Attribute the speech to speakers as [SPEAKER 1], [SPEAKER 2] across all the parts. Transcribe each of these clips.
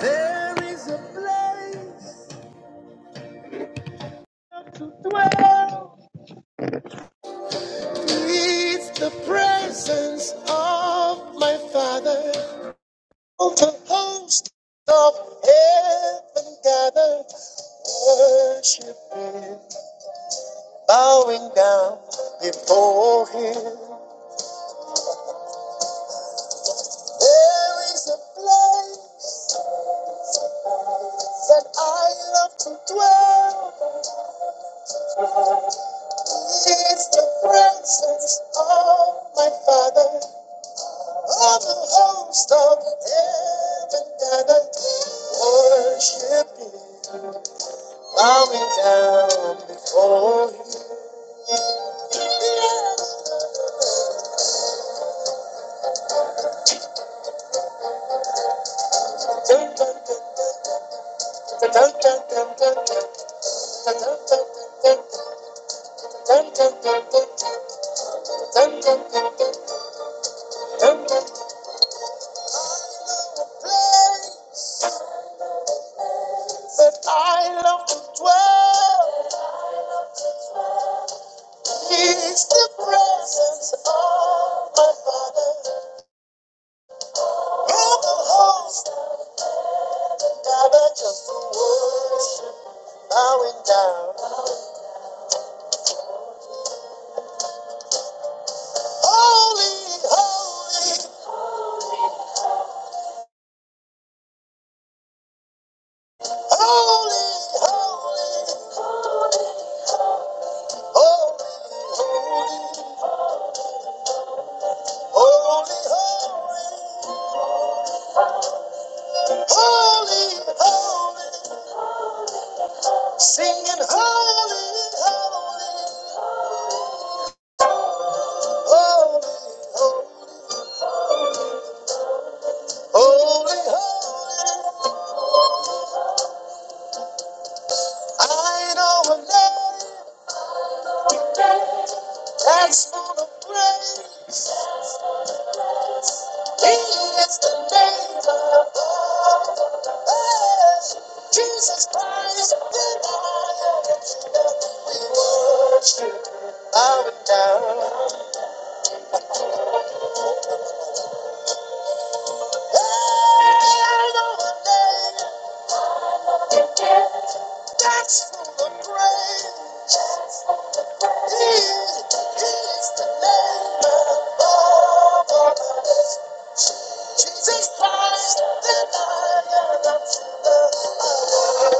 [SPEAKER 1] There is a place. It's the presence of my Father. Of the host of heaven gathered, worshiping, bowing down before Him. There is a place that I love to dwell. It's the presence of my Father. All the host of heaven gonna worship you. Bow me down before you. Place that I love to dwell is the presence of my Father. All the host gotta just to worship. bowing down. Holy, holy, holy, holy, holy, holy, holy, holy, holy, holy, singing holy, holy, holy, holy, holy. I know a name that's full of grace. is the name above us. Jesus Christ, the Lord, we worship, bowing down. Hey, I know a name that's full of praise. He, he is the name above us. Jesus Christ, the Lord,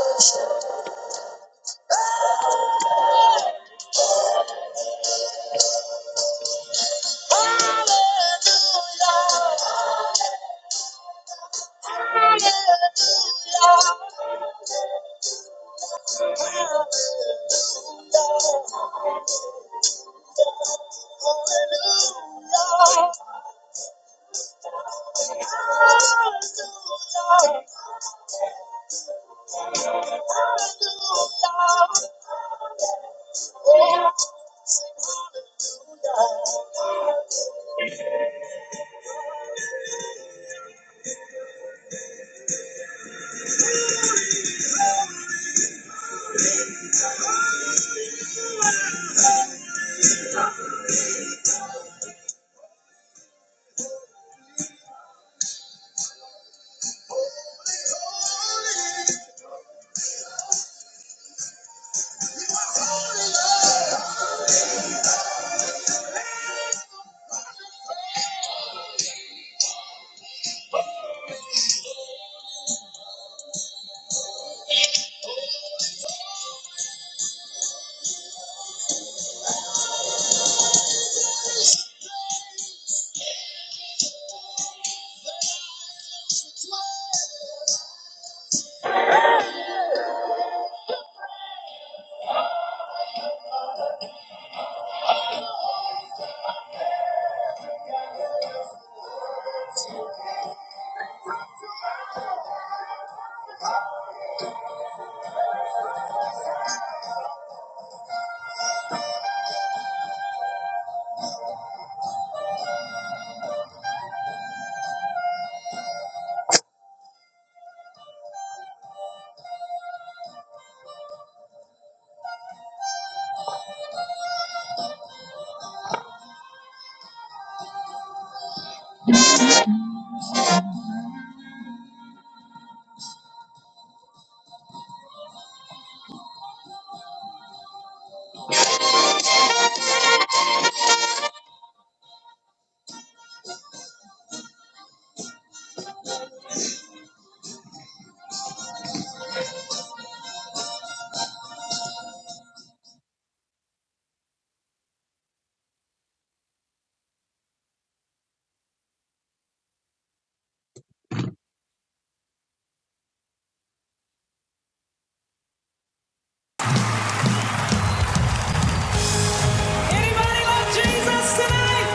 [SPEAKER 2] Anybody love Jesus tonight?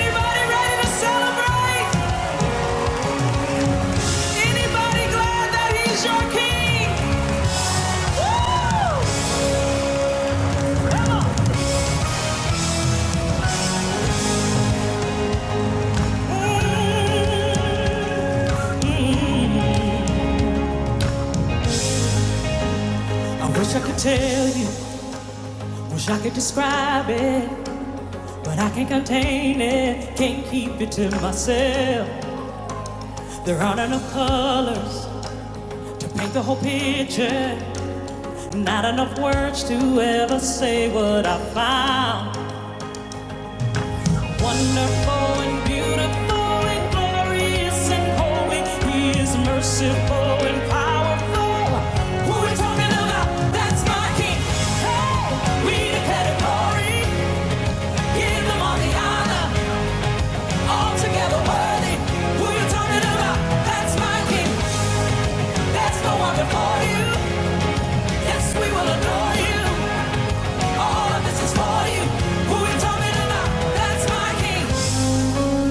[SPEAKER 2] Anybody ready to celebrate? Anybody glad that he's your king? Come on. Mm. I wish I could tell you, wish I could describe it, but I can't contain it, can't keep it to myself. There aren't enough colors to paint the whole picture, not enough words to ever say what I found. Wonderful and beautiful and glorious and holy. He is merciful and powerful. Who we talking about? That's my king. Hey, we declare the glory. Give them all the honor. All together worthy. Who you talking about? That's my king. That's no one before you. Yes, we will adore you. All of this is for you. Who you talking about? That's my king.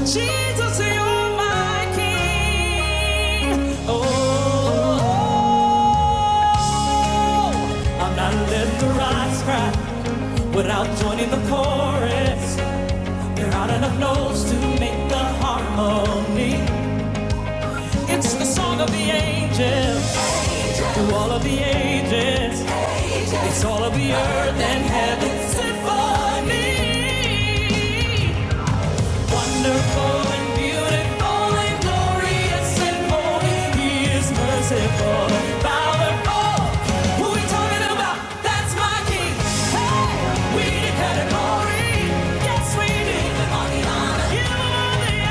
[SPEAKER 2] Jesus, you're my King. Oh, oh, oh. I'm not letting the rocks cry without joining the chorus. There aren't enough notes to make the harmony. It's the song of the angels angels, through all of the ages. angels. It's all of the earth and heaven's symphony. Wonderful and beautiful and glorious and holy. He is merciful powerful. Who we talking about? That's my king. Hey, we declare the glory. Yes, we do. The mighty honor. You are the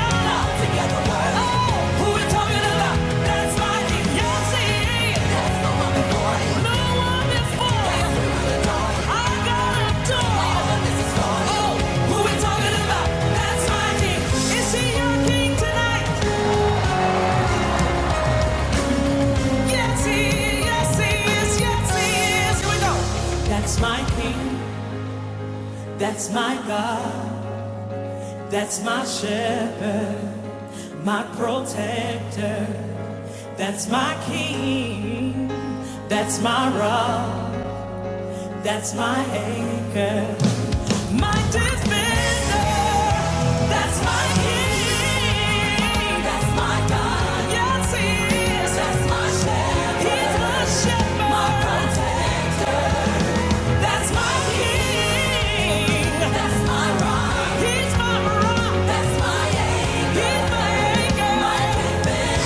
[SPEAKER 2] that's my king, that's my God, that's my shepherd, my protector, that's my king. That's my rock, that's my anchor, my defender, that's my king, that's my God. Yes, he is. That's my shepherd. He's my shepherd, my protector. That's my king, that's my rock. He's my rock, that's my anchor, he's my anchor, my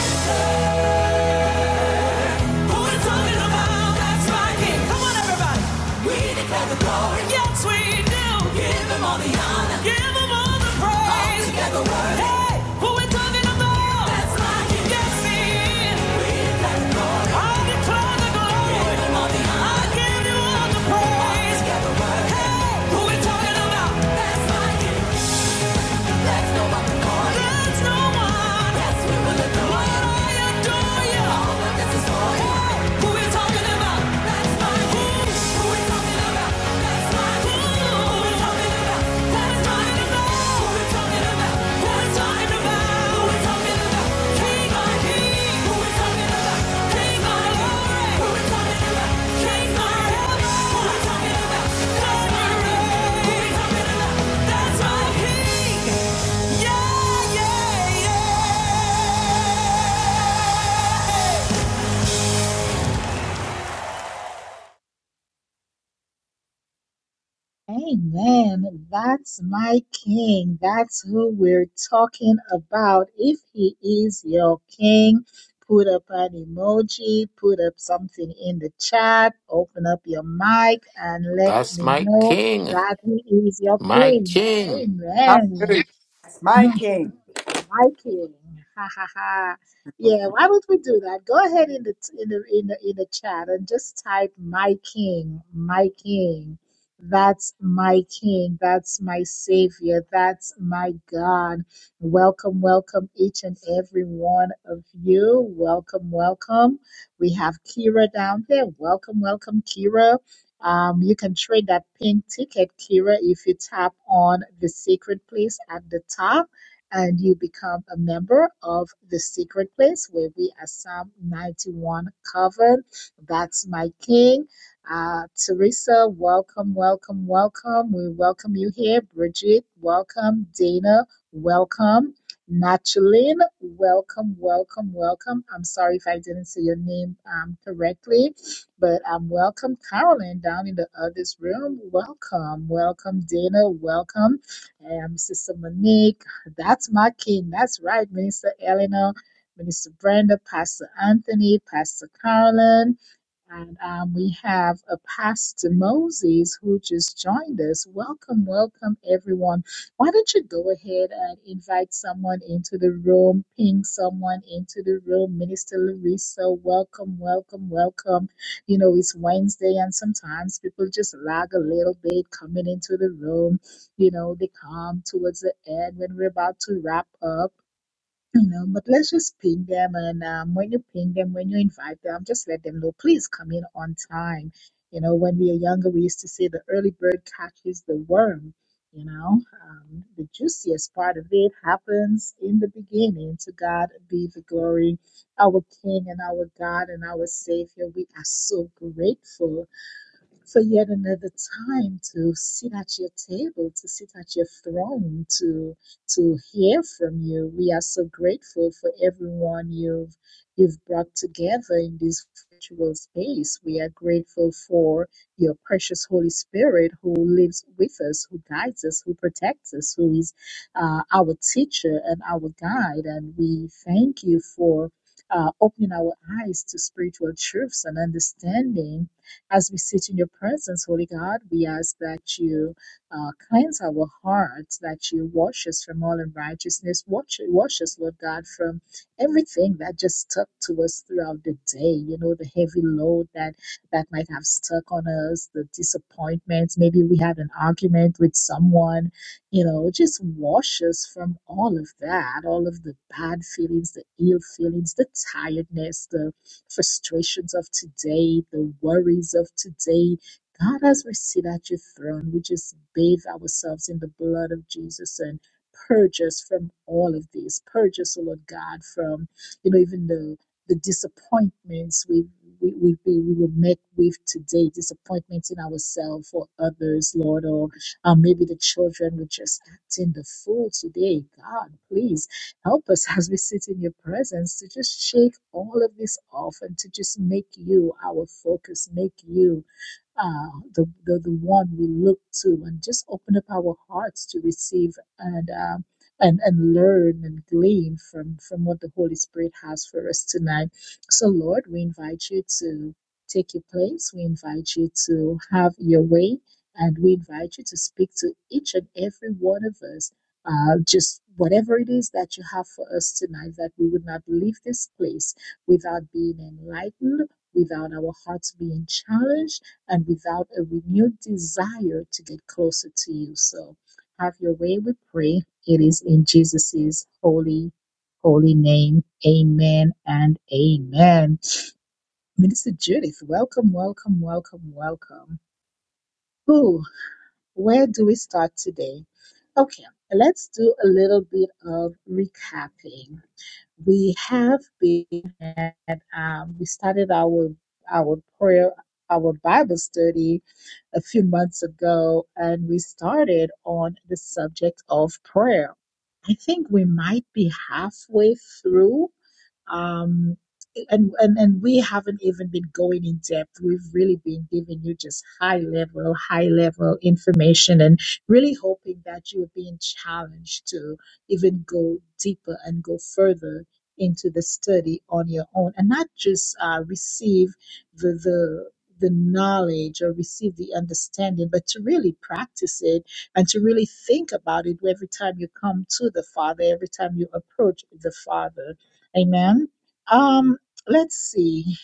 [SPEAKER 2] defender. Who we talking about? That's right here. Come on, everybody. We declare the glory. Yes, we do. Give him all the honor. Give him all the praise. All together worthy. Hey, who we talking about? That's right here. Yes, he is. We declare the glory. I declare the glory. Give him all the honor. I give you all the praise. All together worthy. Hey, who we talking about? That's right here. Who we talking about? Yeah, yeah, yeah.
[SPEAKER 1] Amen. That's my king. That's who we're talking about. If he is your king, put up an emoji, put up something in the chat, open up your mic, and let
[SPEAKER 3] That's
[SPEAKER 1] me
[SPEAKER 3] my
[SPEAKER 1] know
[SPEAKER 3] king.
[SPEAKER 1] that he is your
[SPEAKER 3] My
[SPEAKER 1] king.
[SPEAKER 3] king.
[SPEAKER 4] Hallelujah.
[SPEAKER 1] Amen.
[SPEAKER 4] My King.
[SPEAKER 1] Liking. Ha ha ha. Yeah, why would we do that? Go ahead in the in the in the in the chat and just type my king, my king. That's my king. That's my savior. That's my God. Welcome, welcome each and every one of you. Welcome, welcome. We have Kira down there. Welcome, welcome, Kira. Um, you can trade that pink ticket, Kira, if you tap on the secret place at the top and you become a member of the secret place where we are Psalm 91 covered. That's my king. Uh, Teresa, welcome, welcome, welcome. We welcome you here. Bridget, welcome. Dana, welcome. Nachaline, welcome, welcome, welcome. I'm sorry if I didn't say your name um, correctly, but um, welcome, Carolyn, down in the others room. Welcome, welcome, Dana, welcome, um, Sister Monique. That's my king. That's right, Minister Eleanor, Minister Brenda, Pastor Anthony, Pastor Carolyn. And um, we have a Pastor Moses who just joined us. Welcome, welcome, everyone. Why don't you go ahead and invite someone into the room, ping someone into the room? Minister Larissa, welcome, welcome, welcome. You know, it's Wednesday, and sometimes people just lag a little bit coming into the room you know they come towards the end when we're about to wrap up you know but let's just ping them and um, when you ping them when you invite them just let them know please come in on time you know when we were younger we used to say the early bird catches the worm you know um, the juiciest part of it happens in the beginning to god be the glory our king and our god and our savior we are so grateful for yet another time to sit at your table, to sit at your throne, to to hear from you. We are so grateful for everyone you've you've brought together in this virtual space. We are grateful for your precious Holy Spirit who lives with us, who guides us, who protects us, who is uh, our teacher and our guide. And we thank you for uh, opening our eyes to spiritual truths and understanding as we sit in your presence, Holy God, we ask that you uh, cleanse our hearts, that you wash us from all unrighteousness. Wash, wash us, Lord God, from everything that just stuck to us throughout the day. You know, the heavy load that that might have stuck on us, the disappointments. Maybe we had an argument with someone. You know, just wash us from all of that, all of the bad feelings, the ill feelings, the tiredness, the frustrations of today, the worries of today. God, as we sit at your throne, we just bathe ourselves in the blood of Jesus and purge us from all of this. Purge us, O Lord God, from, you know, even the the disappointments we've, we, we, we we were met with today, disappointments in ourselves or others, Lord, or uh, maybe the children were just acting the fool today. God, please Help us as we sit in your presence to just shake all of this off and to just make you our focus, make you uh, the, the the one we look to, and just open up our hearts to receive and um, and and learn and glean from from what the Holy Spirit has for us tonight. So, Lord, we invite you to take your place. We invite you to have your way, and we invite you to speak to each and every one of us. Uh, just whatever it is that you have for us tonight, that we would not leave this place without being enlightened, without our hearts being challenged and without a renewed desire to get closer to you. So have your way, we pray. It is in Jesus' holy, holy name. Amen and amen. Minister Judith, welcome, welcome, welcome, welcome. Ooh, where do we start today? Okay, let's do a little bit of recapping we have been at, um, we started our our prayer our bible study a few months ago and we started on the subject of prayer i think we might be halfway through um and, and and we haven't even been going in depth we've really been giving you just high level high level information and really hoping that you're being challenged to even go deeper and go further into the study on your own and not just uh, receive the the the knowledge or receive the understanding but to really practice it and to really think about it every time you come to the father every time you approach the father Amen. Um, let's see.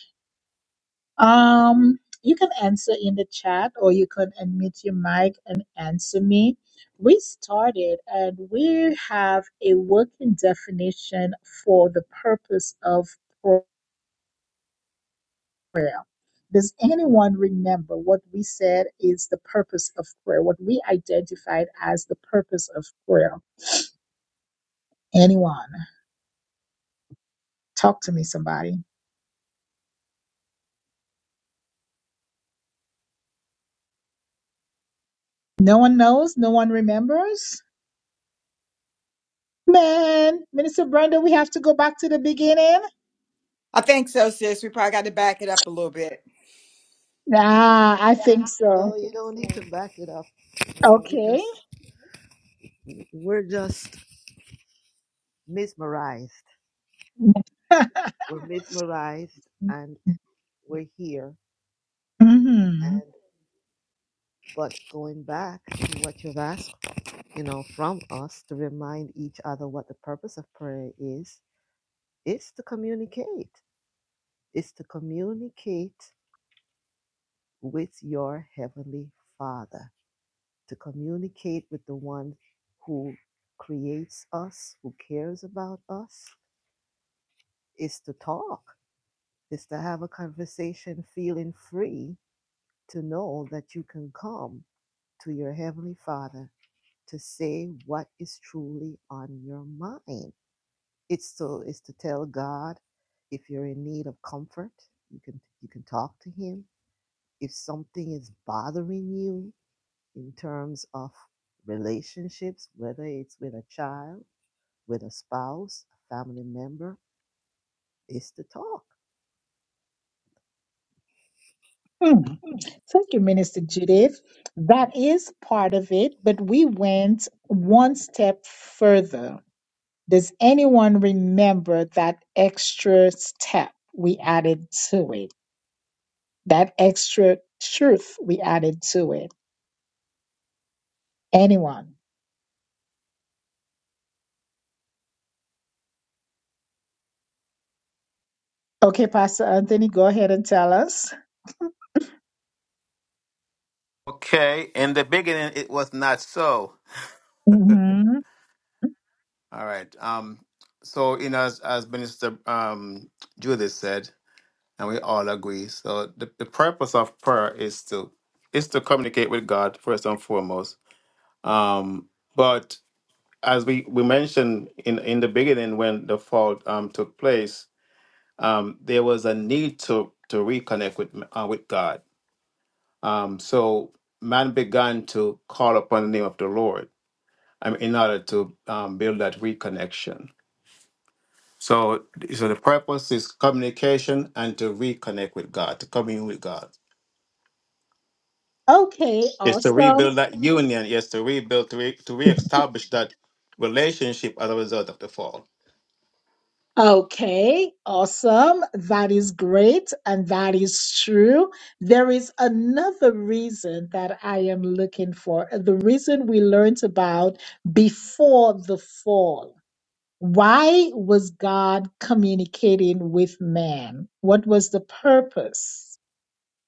[SPEAKER 1] Um, you can answer in the chat or you can unmute your mic and answer me. We started and we have a working definition for the purpose of prayer. Does anyone remember what we said is the purpose of prayer? What we identified as the purpose of prayer? Anyone? Talk to me, somebody. No one knows? No one remembers? Man, Minister Brenda, we have to go back to the beginning.
[SPEAKER 4] I think so, sis. We probably got to back it up a little bit.
[SPEAKER 1] Ah, I think so.
[SPEAKER 5] No, you don't need to back it up. No, we
[SPEAKER 1] Okay.
[SPEAKER 5] just we're just mesmerized. We're mesmerized and we're here. And but going back to what you've asked, you know, from us to remind each other what the purpose of prayer is, it's to communicate. It's to communicate with your heavenly father, to communicate with the one who creates us, who cares about us, is to talk is to have a conversation feeling free to know that you can come to your heavenly father to say what is truly on your mind it's to it's to tell god if you're in need of comfort you can you can talk to him if something is bothering you in terms of relationships whether it's with a child with a spouse a family member is to talk
[SPEAKER 1] Mhm. Thank you, Minister Judith. That is part of it, but we went one step further. Does anyone remember that extra step we added to it? That extra truth we added to it? Anyone? Okay, Pastor Anthony, go ahead and tell us.
[SPEAKER 3] Okay, in the beginning it was not so. All right. Um. So you know, as, as Minister um Judith said, and we all agree. So the, the purpose of prayer is to is to communicate with God first and foremost. Um. But as we we mentioned in in the beginning, when the fall um took place, um there was a need to to reconnect with uh, with God Um, so man began to call upon the name of the Lord um, in order to um, build that reconnection. So, so the purpose is communication and to reconnect with God, to commune with God.
[SPEAKER 1] Okay,
[SPEAKER 3] It's to
[SPEAKER 1] awesome.
[SPEAKER 3] rebuild that union. Yes, to rebuild, to, re, to reestablish that relationship as a result of the fall.
[SPEAKER 1] Okay, awesome. That is great and that is true. There is another reason that I am looking for. uh, The reason we learned about before the fall. Why was God communicating with man? What was the purpose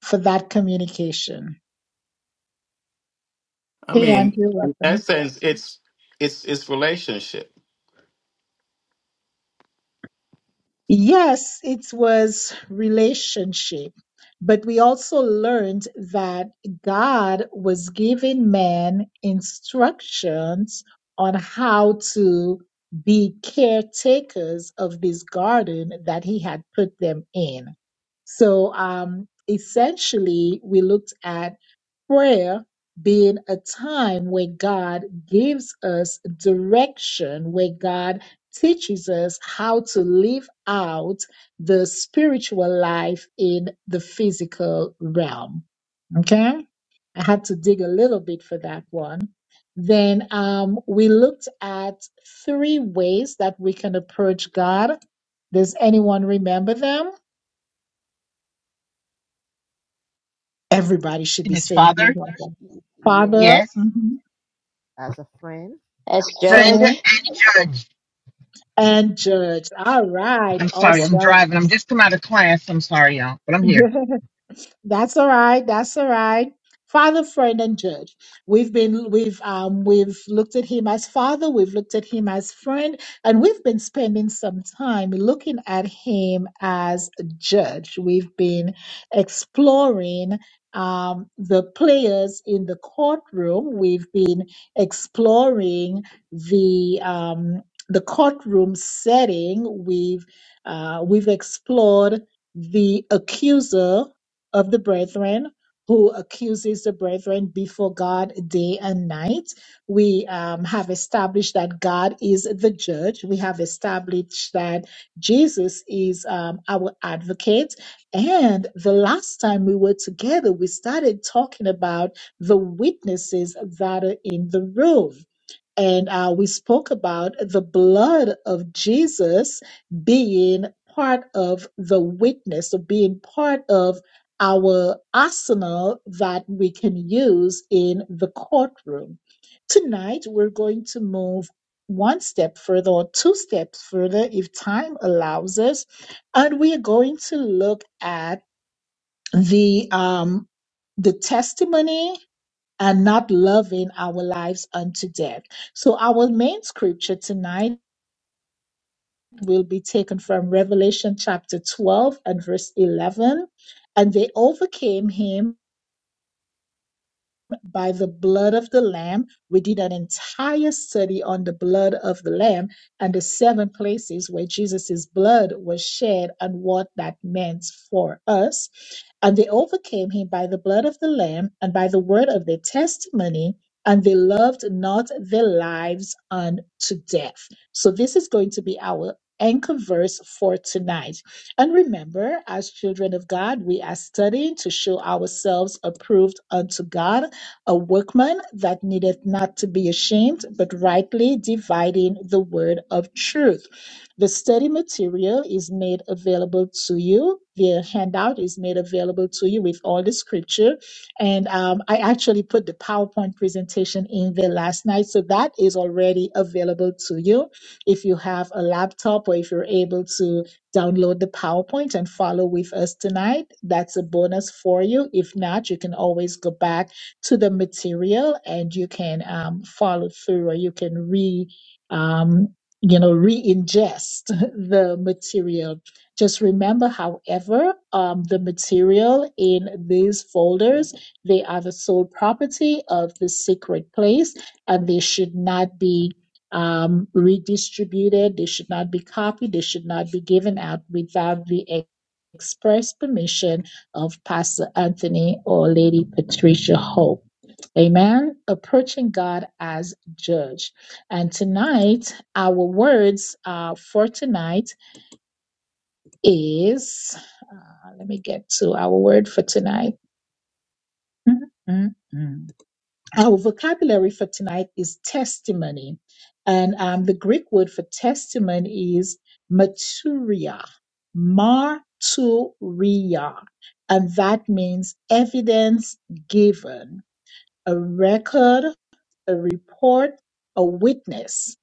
[SPEAKER 1] for that communication?
[SPEAKER 3] I
[SPEAKER 1] Hey,
[SPEAKER 3] mean,
[SPEAKER 1] Andrew,
[SPEAKER 3] in
[SPEAKER 1] welcome.
[SPEAKER 3] essence, it's it's it's relationship.
[SPEAKER 1] Yes, it was relationship. But we also learned that God was giving man instructions on how to be caretakers of this garden that he had put them in. So um, essentially, we looked at Prayer being a time where God gives us direction, where God teaches us how to live out the spiritual life in the physical realm. Okay? I had to dig a little bit for that one. Then um, we looked at three ways that we can approach God. Does anyone remember them? Everybody should
[SPEAKER 6] and
[SPEAKER 1] be
[SPEAKER 6] his
[SPEAKER 1] saying this.
[SPEAKER 6] father,
[SPEAKER 1] one.
[SPEAKER 5] yes
[SPEAKER 1] Father,
[SPEAKER 6] yes,
[SPEAKER 1] mhm,
[SPEAKER 5] as a friend
[SPEAKER 7] As
[SPEAKER 6] friend
[SPEAKER 1] friend,
[SPEAKER 7] judge
[SPEAKER 6] and judge.
[SPEAKER 1] and judge. All right,
[SPEAKER 6] I'm sorry, I'm
[SPEAKER 1] awesome.
[SPEAKER 6] driving. I'm just come out of class. I'm sorry, y'all, but I'm here.
[SPEAKER 1] That's all right. That's all right. Father, friend, and judge. We've been we've um we've looked at him as father, we've looked at him as friend, and we've been spending some time looking at him as a judge. We've been exploring um the players in the courtroom. We've been exploring the um the courtroom setting. We've uh, we've explored the accuser of the brethren who accuses the brethren before God day and night. We um, have established that God is the judge. We have established that Jesus is um, our advocate. And the last time we were together, we started talking about the witnesses that are in the room. And uh, we spoke about the blood of Jesus being part of the witness, or being part of our arsenal that we can use in the courtroom. Tonight, we're going to move one step further or two steps further if time allows us. And we are going to look at the um, the testimony and not loving our lives unto death. So, our main scripture tonight will be taken from Revelation chapter 12 and verse 11. And they overcame him by the blood of the Lamb. We did an entire study on the blood of the Lamb and the seven places where Jesus' blood was shed and what that meant for us. And they overcame him by the blood of the Lamb and by the word of their testimony, and they loved not their lives unto death. So, this is going to be our anchor verse for tonight. And remember, as children of God, we are studying to show ourselves approved unto God, a workman that needeth not to be ashamed, but rightly dividing the word of truth. The study material is made available to you. The handout is made available to you with all the scripture. And um, I actually put the PowerPoint presentation in there last night. So that is already available to you. If you have a laptop or if you're able to download the PowerPoint and follow with us tonight, that's a bonus for you. If not, you can always go back to the material and you can um, follow through or you can re. um, you know, re-ingest the material. Just remember, however, um, the material in these folders, they are the sole property of the sacred place and they should not be um, redistributed. They should not be copied. They should not be given out without the ex- express permission of Pastor Anthony or Lady Patricia Hope. Amen. Approaching God as judge. And tonight, our words uh, for tonight is uh, let me get to our word for tonight. Mm-mm-mm. Our vocabulary for tonight is testimony. And um, the Greek word for testimony is maturia, marturia. And that means evidence given, a record a report, a witness,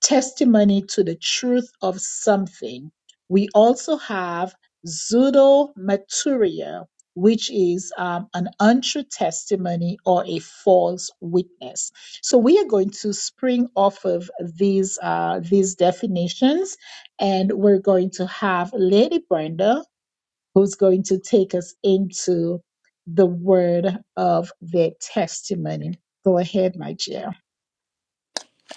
[SPEAKER 1] testimony to the truth of something. We also have pseudomaturia, which is um, an untrue testimony or a false witness. So we are going to spring off of these uh, these definitions, and we're going to have Lady Brenda, who's going to take us into the word of their testimony. Go ahead, my dear.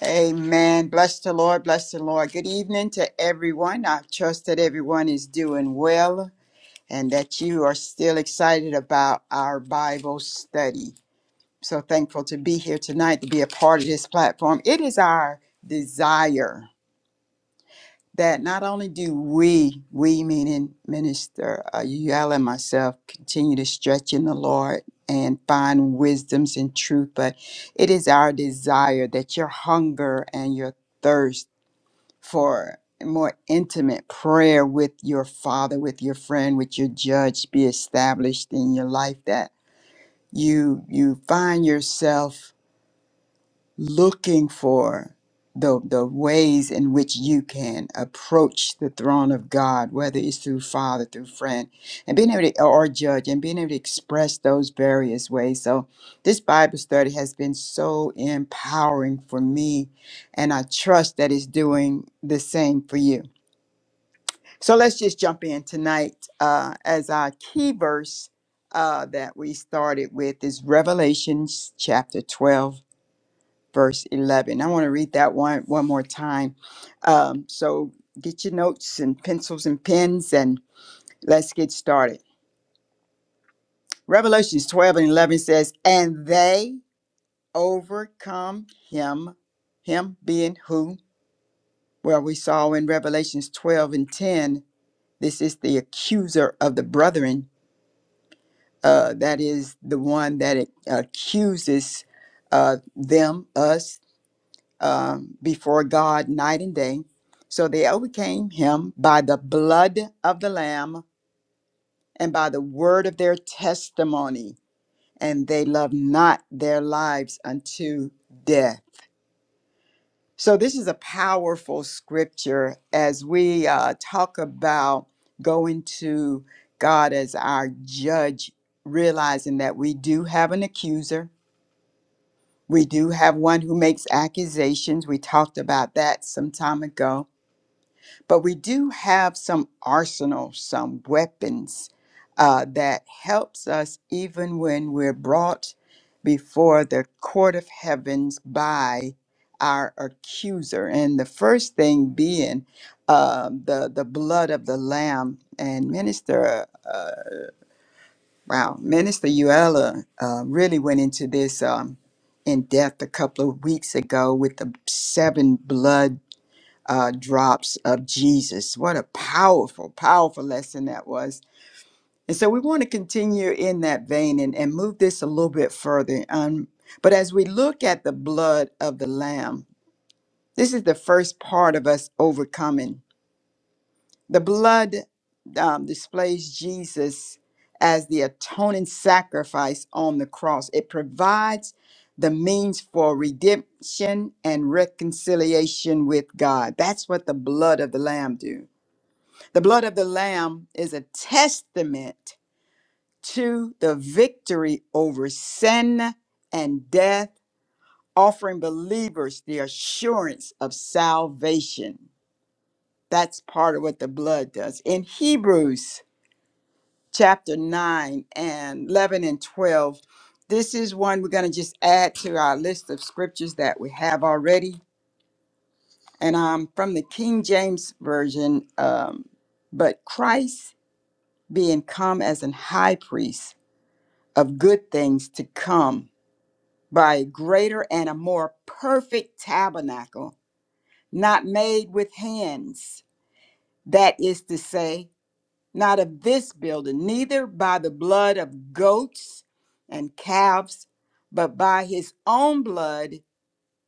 [SPEAKER 4] Amen. Bless the Lord. Bless the Lord. Good evening to everyone. I trust that everyone is doing well and that you are still excited about our Bible study. So thankful to be here tonight to be a part of this platform. It is our desire. that not only do we, we meaning Minister uh, Yael and myself, continue to stretch in the Lord and find wisdoms and truth, but it is our desire that your hunger and your thirst for more intimate prayer with your father, with your friend, with your judge be established in your life that you you find yourself looking for the, the ways in which you can approach the throne of God, whether it's through father, through friend, and being able to, or judge, and being able to express those various ways. So, this Bible study has been so empowering for me, and I trust that it's doing the same for you. So, let's just jump in tonight uh, as our key verse uh, that we started with is Revelations chapter 12 verse 11. I want to read that one one more time. Um, so get your notes and pencils and pens and let's get started. Revelations 12 and 11 says, And they overcome him, him being who? Well, we saw in Revelations 12 and 10, this is the accuser of the brethren. Uh, that is the one that accuses uh, them, us, um, before God night and day. So they overcame him by the blood of the Lamb and by the word of their testimony, and they loved not their lives unto death. So this is a powerful scripture as we uh, talk about going to God as our judge, realizing that we do have an accuser. We do have one who makes accusations. We talked about that some time ago But we do have some arsenal, some weapons uh, that helps us even when we're brought before the court of heavens by our accuser. And the first thing being uh, the the blood of the Lamb. And Minister, uh, uh, wow, Minister Uella uh, really went into this um, in depth a couple of weeks ago with the seven blood uh, drops of Jesus. What a powerful, powerful lesson that was. And so we want to continue in that vein and, and move this a little bit further. Um, but as we look at the blood of the Lamb, this is the first part of us overcoming. The blood um, displays Jesus as the atoning sacrifice on the cross, it provides the means for redemption and reconciliation with God. That's what the blood of the Lamb do. The blood of the Lamb is a testament to the victory over sin and death, offering believers the assurance of salvation. That's part of what the blood does. In Hebrews chapter 9 and 11 and 12, this is one we're going to just add to our list of scriptures that we have already. And I'm from the King James Version, um, but Christ being come as an high priest of good things to come by a greater and a more perfect tabernacle, not made with hands. That is to say, not of this building, neither by the blood of goats and calves, but by his own blood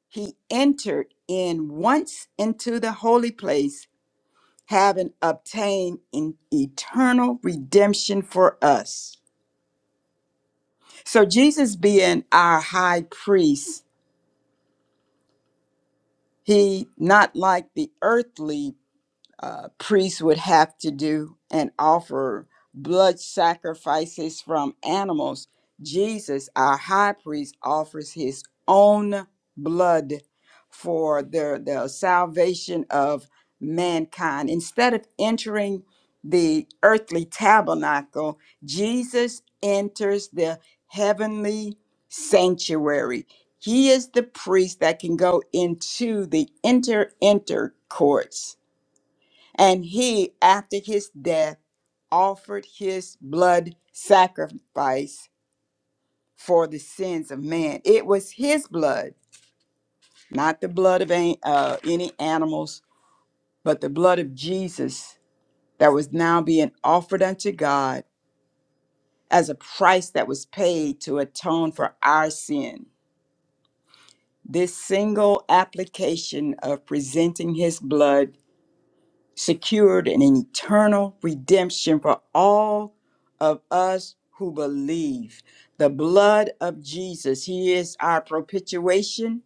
[SPEAKER 4] he entered in once into the holy place, having obtained an eternal redemption for us. So, Jesus being our high priest He not like the earthly uh, priests would have to do and offer blood sacrifices from animals, Jesus, our high priest, offers his own blood for the, the salvation of mankind. Instead of entering the earthly tabernacle, Jesus enters the heavenly sanctuary. He is the priest that can go into the inter inter courts and he, after his death, offered his blood sacrifice for the sins of man. It was his blood, not the blood of an- uh, any animals, but the blood of Jesus that was now being offered unto God as a price that was paid to atone for our sin. This single application of presenting his blood secured an eternal redemption for all of us who believe. The blood of Jesus, He is our propitiation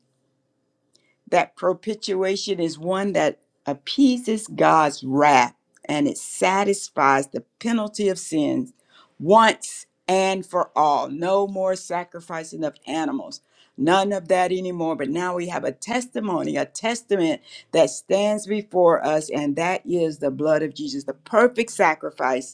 [SPEAKER 4] that propitiation is one that appeases God's wrath and it satisfies the penalty of sins once and for all. No more sacrificing of animals, none of that anymore. But now we have a testimony, a testament that stands before us, and that is the blood of Jesus, the perfect sacrifice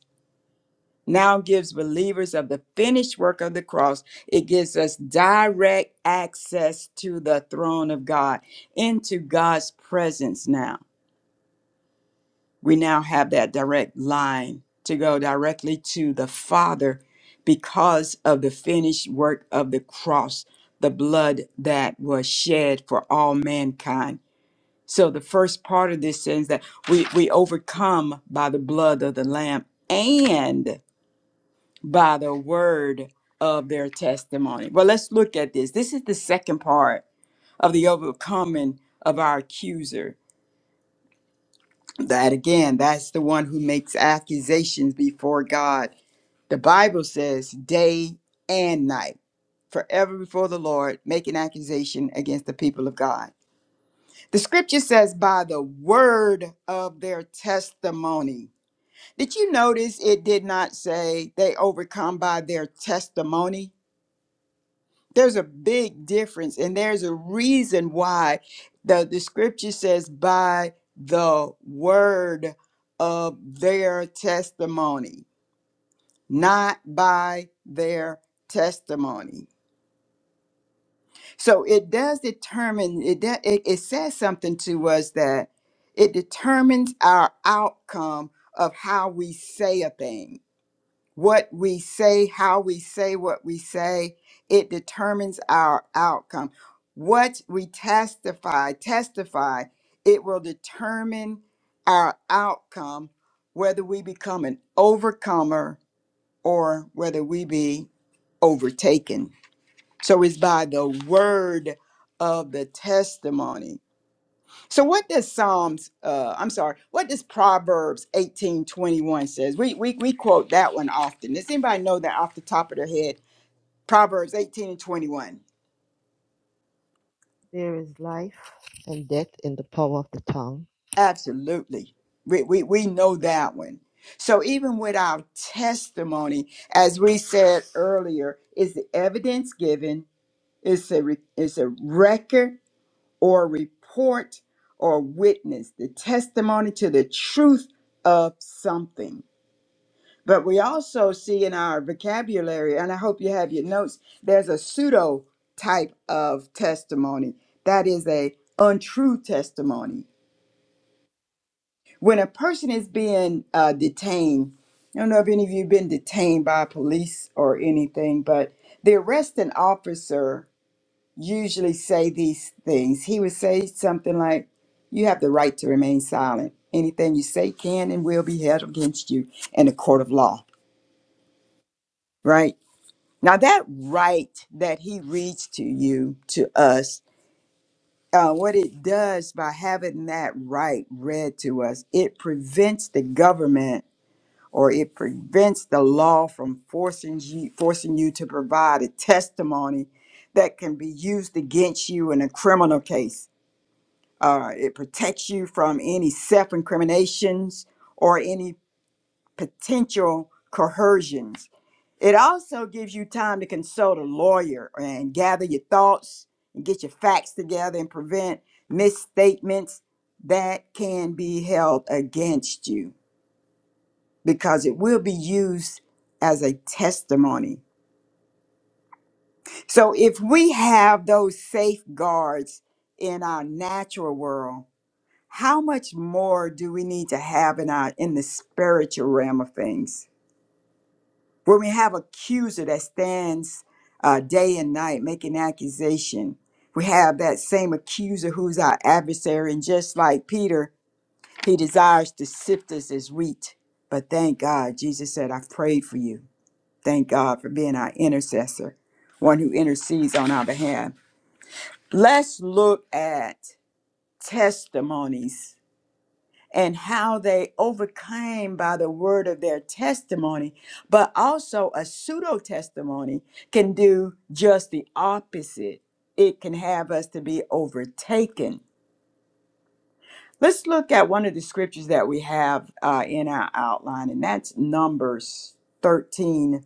[SPEAKER 4] now gives believers of the finished work of the cross. It gives us direct access to the throne of God, into God's presence now. We now have that direct line to go directly to the Father because of the finished work of the cross, the blood that was shed for all mankind. So the first part of this is that we, we overcome by the blood of the Lamb and by the word of their testimony. Well, let's look at this. This is the second part of the overcoming of our accuser. That again, that's the one who makes accusations before God. The Bible says day and night, forever before the Lord, making accusation against the people of God. The scripture says, by the word of their testimony. Did you notice it did not say they overcome by their testimony? there's a big difference and there's a reason why the, the scripture says by the word of their testimony not by their testimony so it does determine it, de- it it says something to us that it determines our outcome of how we say a thing what we say, how we say what we say, it determines our outcome. What we testify, testify, it will determine our outcome, whether we become an overcomer or whether we be overtaken. So it's by the word of the testimony so what does Psalms uh I'm sorry, what does Proverbs 18:21 says? We we we quote that one often. Does anybody know that off the top of their head? Proverbs 18 and 21.
[SPEAKER 5] There is life and death in the power of the tongue,
[SPEAKER 4] Absolutely. We we we know that one. So even with our testimony, as we said earlier, is the evidence given, it's a re, it's a record or report or witness, the testimony to the truth of something. But we also see in our vocabulary, and I hope you have your notes, there's a pseudo type of testimony. That is a untrue testimony. When a person is being uh, detained, I don't know if any of you have been detained by police or anything, but the arresting officer usually say these things. He would say something like, "You have the right to remain silent. Anything you say can and will be held against you in a court of law." Right? Now, that right that he reads to you, to us, uh, what it does by having that right read to us, it prevents the government or it prevents the law from forcing you, forcing you to provide a testimony that can be used against you in a criminal case. Uh, it protects you from any self incriminations or any potential coercions. It also gives you time to consult a lawyer and gather your thoughts and get your facts together and prevent misstatements that can be held against you because it will be used as a testimony. So if we have those safeguards in our natural world, how much more do we need to have in our in the spiritual realm of things? When we have accuser that stands uh, day and night making accusation, we have that same accuser who's our adversary. And just like Peter, he desires to sift us as wheat. But thank God, Jesus said, I've prayed for you. Thank God for being our intercessor, one who intercedes on our behalf. Let's look at testimonies and how they overcame by the word of their testimony, but also a pseudo testimony can do just the opposite. It can have us to be overtaken. Let's look at one of the scriptures that we have uh, in our outline, and that's Numbers 13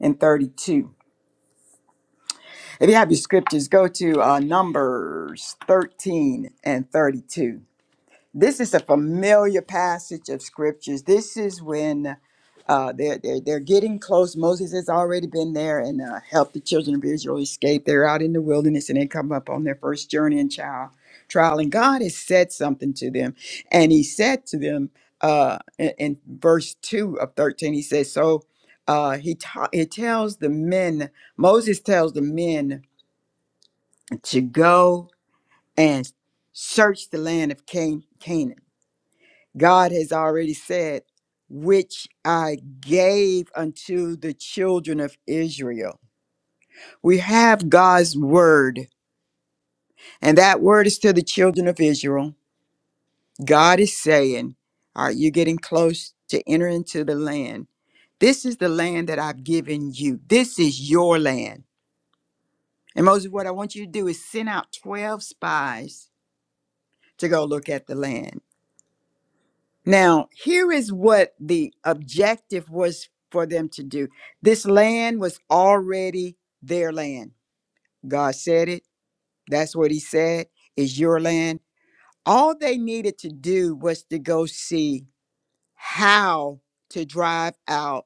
[SPEAKER 4] and 32. If you have your scriptures, go to uh, Numbers 13 and 32. This is a familiar passage of scriptures. This is when uh, they're, they're, they're getting close. Moses has already been there and uh, helped the children of Israel escape. They're out in the wilderness and they come up on their first journey and trial. trial. And God has said something to them. And He said to them uh, in, in verse 2 of 13, He says, So uh, he, ta- he tells the men, Moses tells the men to go and search the land of Can- Canaan. God has already said, which I gave unto the children of Israel. We have God's word, and that word is to the children of Israel. God is saying, Are you getting close to enter into the land? This is the land that I've given you. This is your land. And Moses, what I want you to do is send out 12 spies to go look at the land. Now, here is what the objective was for them to do. This land was already their land. God said it. That's what He said is your land. All they needed to do was to go see how to drive out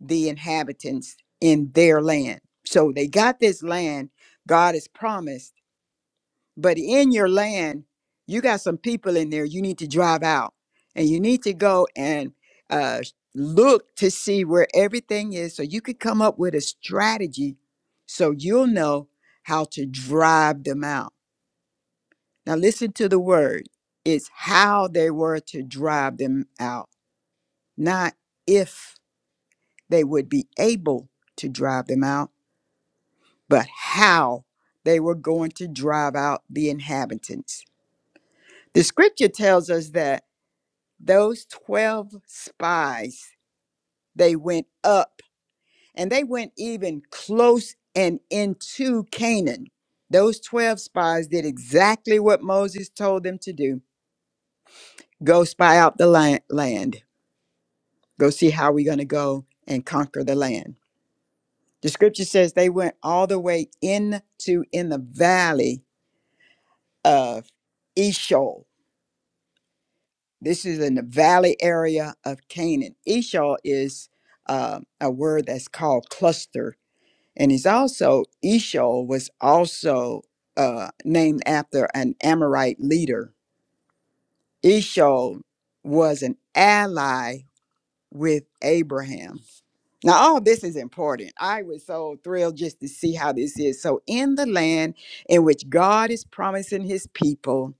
[SPEAKER 4] the inhabitants in their land. So they got this land God has promised But in your land, you got some people in there you need to drive out and you need to go and uh, look to see where everything is so you could come up with a strategy so you'll know how to drive them out. Now, listen to the word it's how they were to drive them out, not if they would be able to drive them out, but how they were going to drive out the inhabitants. The scripture tells us that. those 12 spies they went up and they went even close and into canaan those 12 spies did exactly what moses told them to do go spy out the la- land go see how we're going to go and conquer the land the scripture says they went all the way into in the valley of eshol this is in the valley area of canaan eshol is uh, a word that's called cluster and he's also Eshol was also uh, named after an Amorite leader. Eshol was an ally with Abraham. Now all this is important. I was so thrilled just to see how this is. So in the land in which God is promising his people,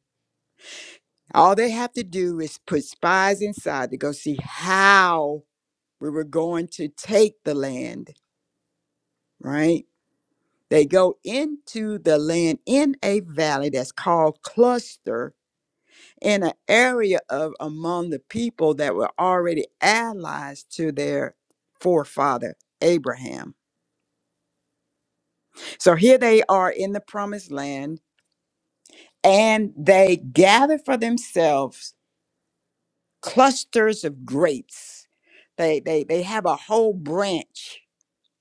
[SPEAKER 4] all they have to do is put spies inside to go see how we were going to take the land, right? They go into the land in a valley that's called cluster in an area of among the people that were already allies to their forefather Abraham. So here they are in the promised land and they gather for themselves clusters of grapes. They they they have a whole branch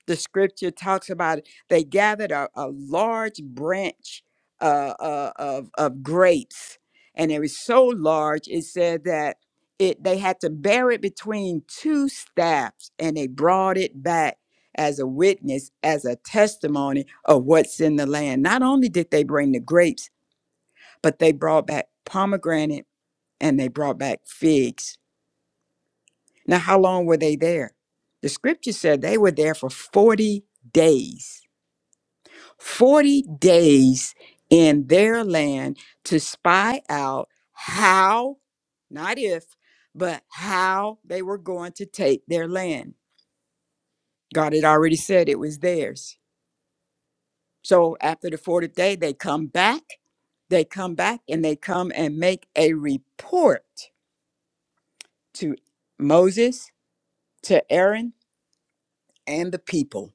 [SPEAKER 4] the scripture talks about it. they gathered a, a large branch uh, uh, of, of grapes and it was so large it said that it they had to bear it between two staffs and they brought it back as a witness as a testimony of what's in the land not only did they bring the grapes but they brought back pomegranate and they brought back figs now how long were they there the scripture said they were there for 40 days 40 days in their land to spy out how, not if, but how they were going to take their land. God had already said it was theirs. So after the 40th day, they come back, they come back, and they come and make a report to Moses, to Aaron, and the people.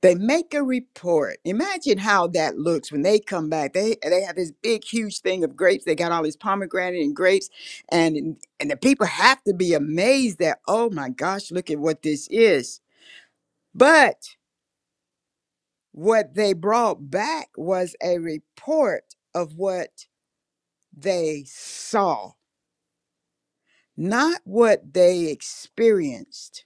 [SPEAKER 4] They make a report. Imagine how that looks when they come back. They they have this big, huge thing of grapes. They got all these pomegranate and grapes, and and the people have to be amazed that oh my gosh, look at what this is. But what they brought back was a report of what they saw, not what they experienced.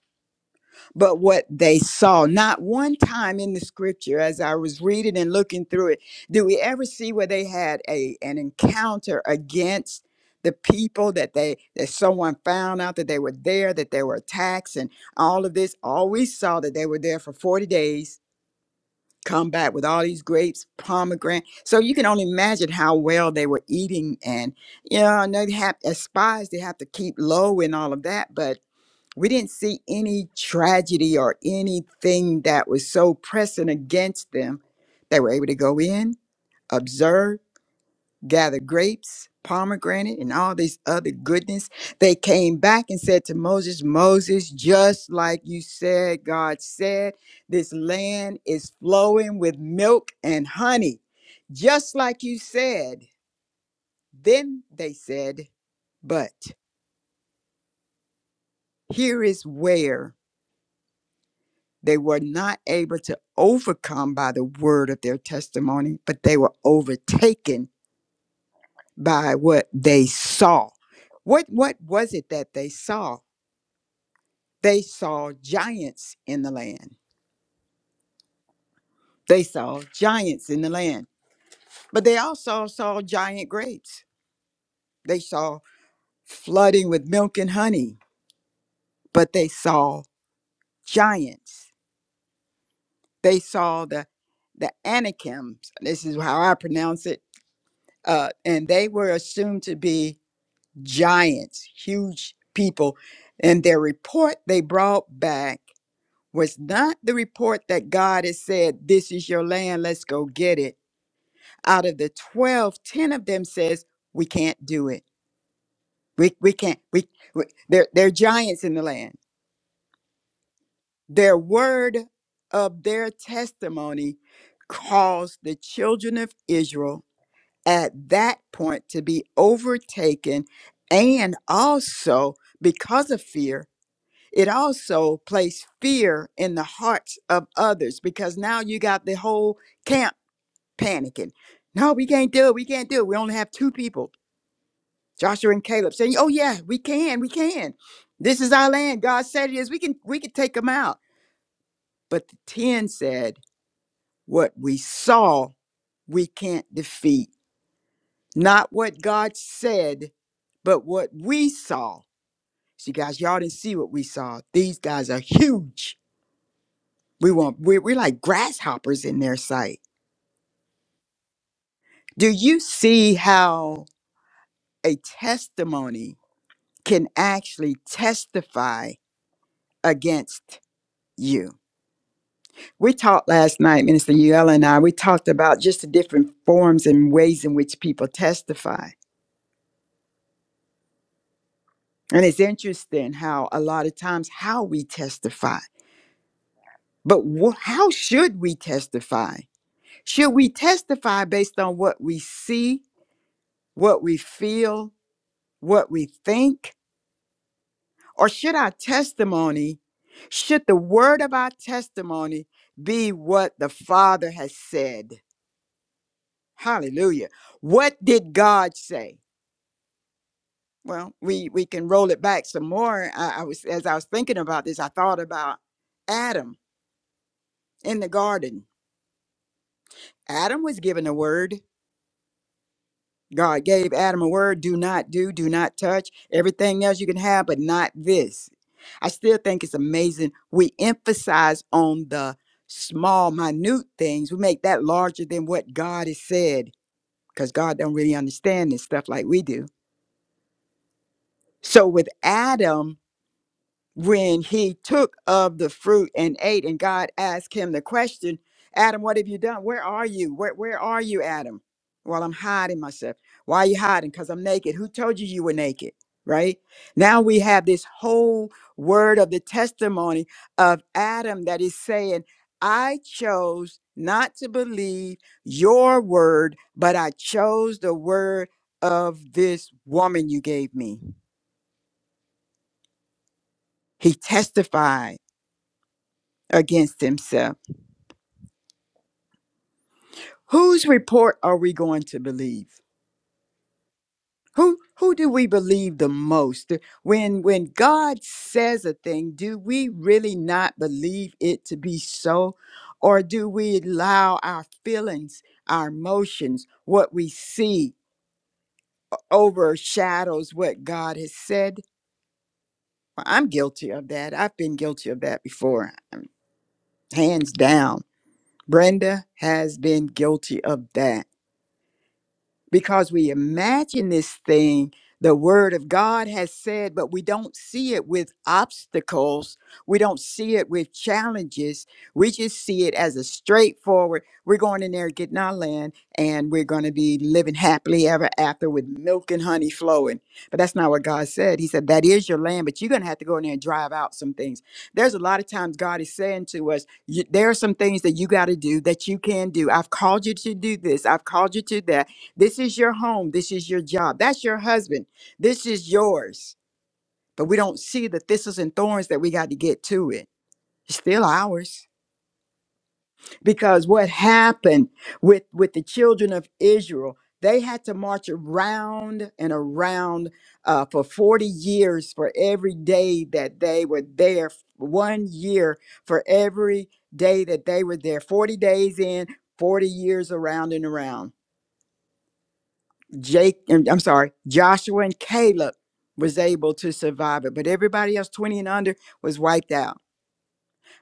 [SPEAKER 4] but what they saw. Not one time in the scripture, as I was reading and looking through it, do we ever see where they had a an encounter against the people that they that someone found out that they were there, that they were attacked, and all of this. All we saw that they were there for 40 days, come back with all these grapes, pomegranate. So you can only imagine how well they were eating and you know, and they have as spies they have to keep low and all of that. But we didn't see any tragedy or anything that was so pressing against them. They were able to go in, observe, gather grapes, pomegranate, and all this other goodness. They came back and said to Moses, Moses, just like you said, God said, this land is flowing with milk and honey, just like you said. Then they said, but here is where They were not able to overcome by the word of their testimony, but they were overtaken by what they saw. What what was it that they saw? They saw giants in the land. They saw giants in the land, but they also saw giant grapes. They saw flooding with milk and honey, but they saw giants. They saw the the Anakims. This is how I pronounce it. Uh, and they were assumed to be giants, huge people. And their report they brought back was not the report that God has said, This is your land, let's go get it. Out of the 12, 10 of them says, We can't do it. We, we can't. We, we they're, they're giants in the land. Their word of their testimony caused the children of Israel at that point to be overtaken and also because of fear It also placed fear in the hearts of others because now you got the whole camp panicking. No, we can't do it. We can't do it. We only have two people, Joshua and Caleb, saying, "Oh yeah, we can. We can. This is our land. God said it is. We can. We can take them out." But the ten said, "What we saw, we can't defeat. Not what God said, but what we saw." See, guys, y'all didn't see what we saw. These guys are huge We want we we're like grasshoppers in their sight. Do you see how a testimony can actually testify against you? We talked last night, Minister Yuella and I, we talked about just the different forms and ways in which people testify. And it's interesting how a lot of times how we testify. But wh- how should we testify? Should we testify based on what we see, what we feel, what we think? Or should our testimony, should the word of our testimony be what the Father has said? Hallelujah. What did God say? Well, we, we can roll it back some more. I, I was as I was thinking about this, I thought about Adam in the garden. Adam was given a word. God gave Adam a word do not do, do not touch. Everything else you can have, but not this. I still think it's amazing. We emphasize on the small, minute things. We make that larger than what God has said because God don't really understand this stuff like we do. So with Adam, when he took of the fruit and ate and God asked him the question, Adam, what have you done? Where are you? Where where are you, Adam? Well, I'm hiding myself. Why are you hiding? Because I'm naked. Who told you you were naked? Right? Now we have this whole word of the testimony of Adam that is saying, I chose not to believe your word, but I chose the word of this woman you gave me. He testified against himself. Whose report are we going to believe? Who who do we believe the most? When when God says a thing, do we really not believe it to be so? Or do we allow our feelings, our emotions, what we see overshadows what God has said? Well, I'm guilty of that. I've been guilty of that before. um, Hands down. Brenda has been guilty of that because we imagine this thing the word of God has said, but we don't see it with obstacles. We don't see it with challenges. We just see it as a straightforward, we're going in there, getting our land, and we're going to be living happily ever after with milk and honey flowing. But that's not what God said. He said, That is your land, but you're going to have to go in there and drive out some things. There's a lot of times God is saying to us, "You- There are some things that you got to do that you can do. I've called you to do this, I've called you to that this is your home. This is your job. That's your husband. This is yours. But we don't see the thistles and thorns that we got to get to it. It's still ours. Because what happened with, with the children of Israel, they had to march around and around uh, for 40 years for every day that they were there, one year for every day that they were there, 40 days in, 40 years around and around. Jake, um, I'm sorry, Joshua and Caleb was able to survive it, but everybody else 20 and under was wiped out.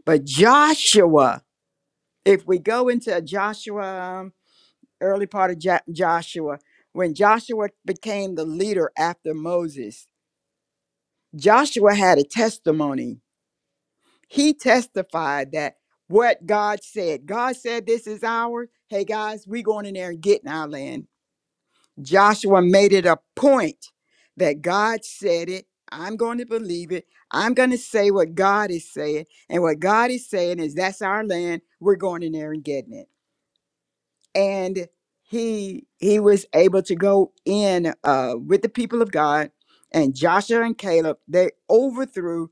[SPEAKER 4] But Joshua, if we go into Joshua, um, early part of Jo- Joshua, when Joshua became the leader after Moses, Joshua had a testimony. He testified that what God said, God said, This is ours. Hey guys, we going in there and getting our land. Joshua made it a point that God said it. I'm going to believe it. I'm going to say what God is saying. And what God is saying is that's our land. We're going in there and getting it. And he he was able to go in uh, with the people of God and Joshua and Caleb, they overthrew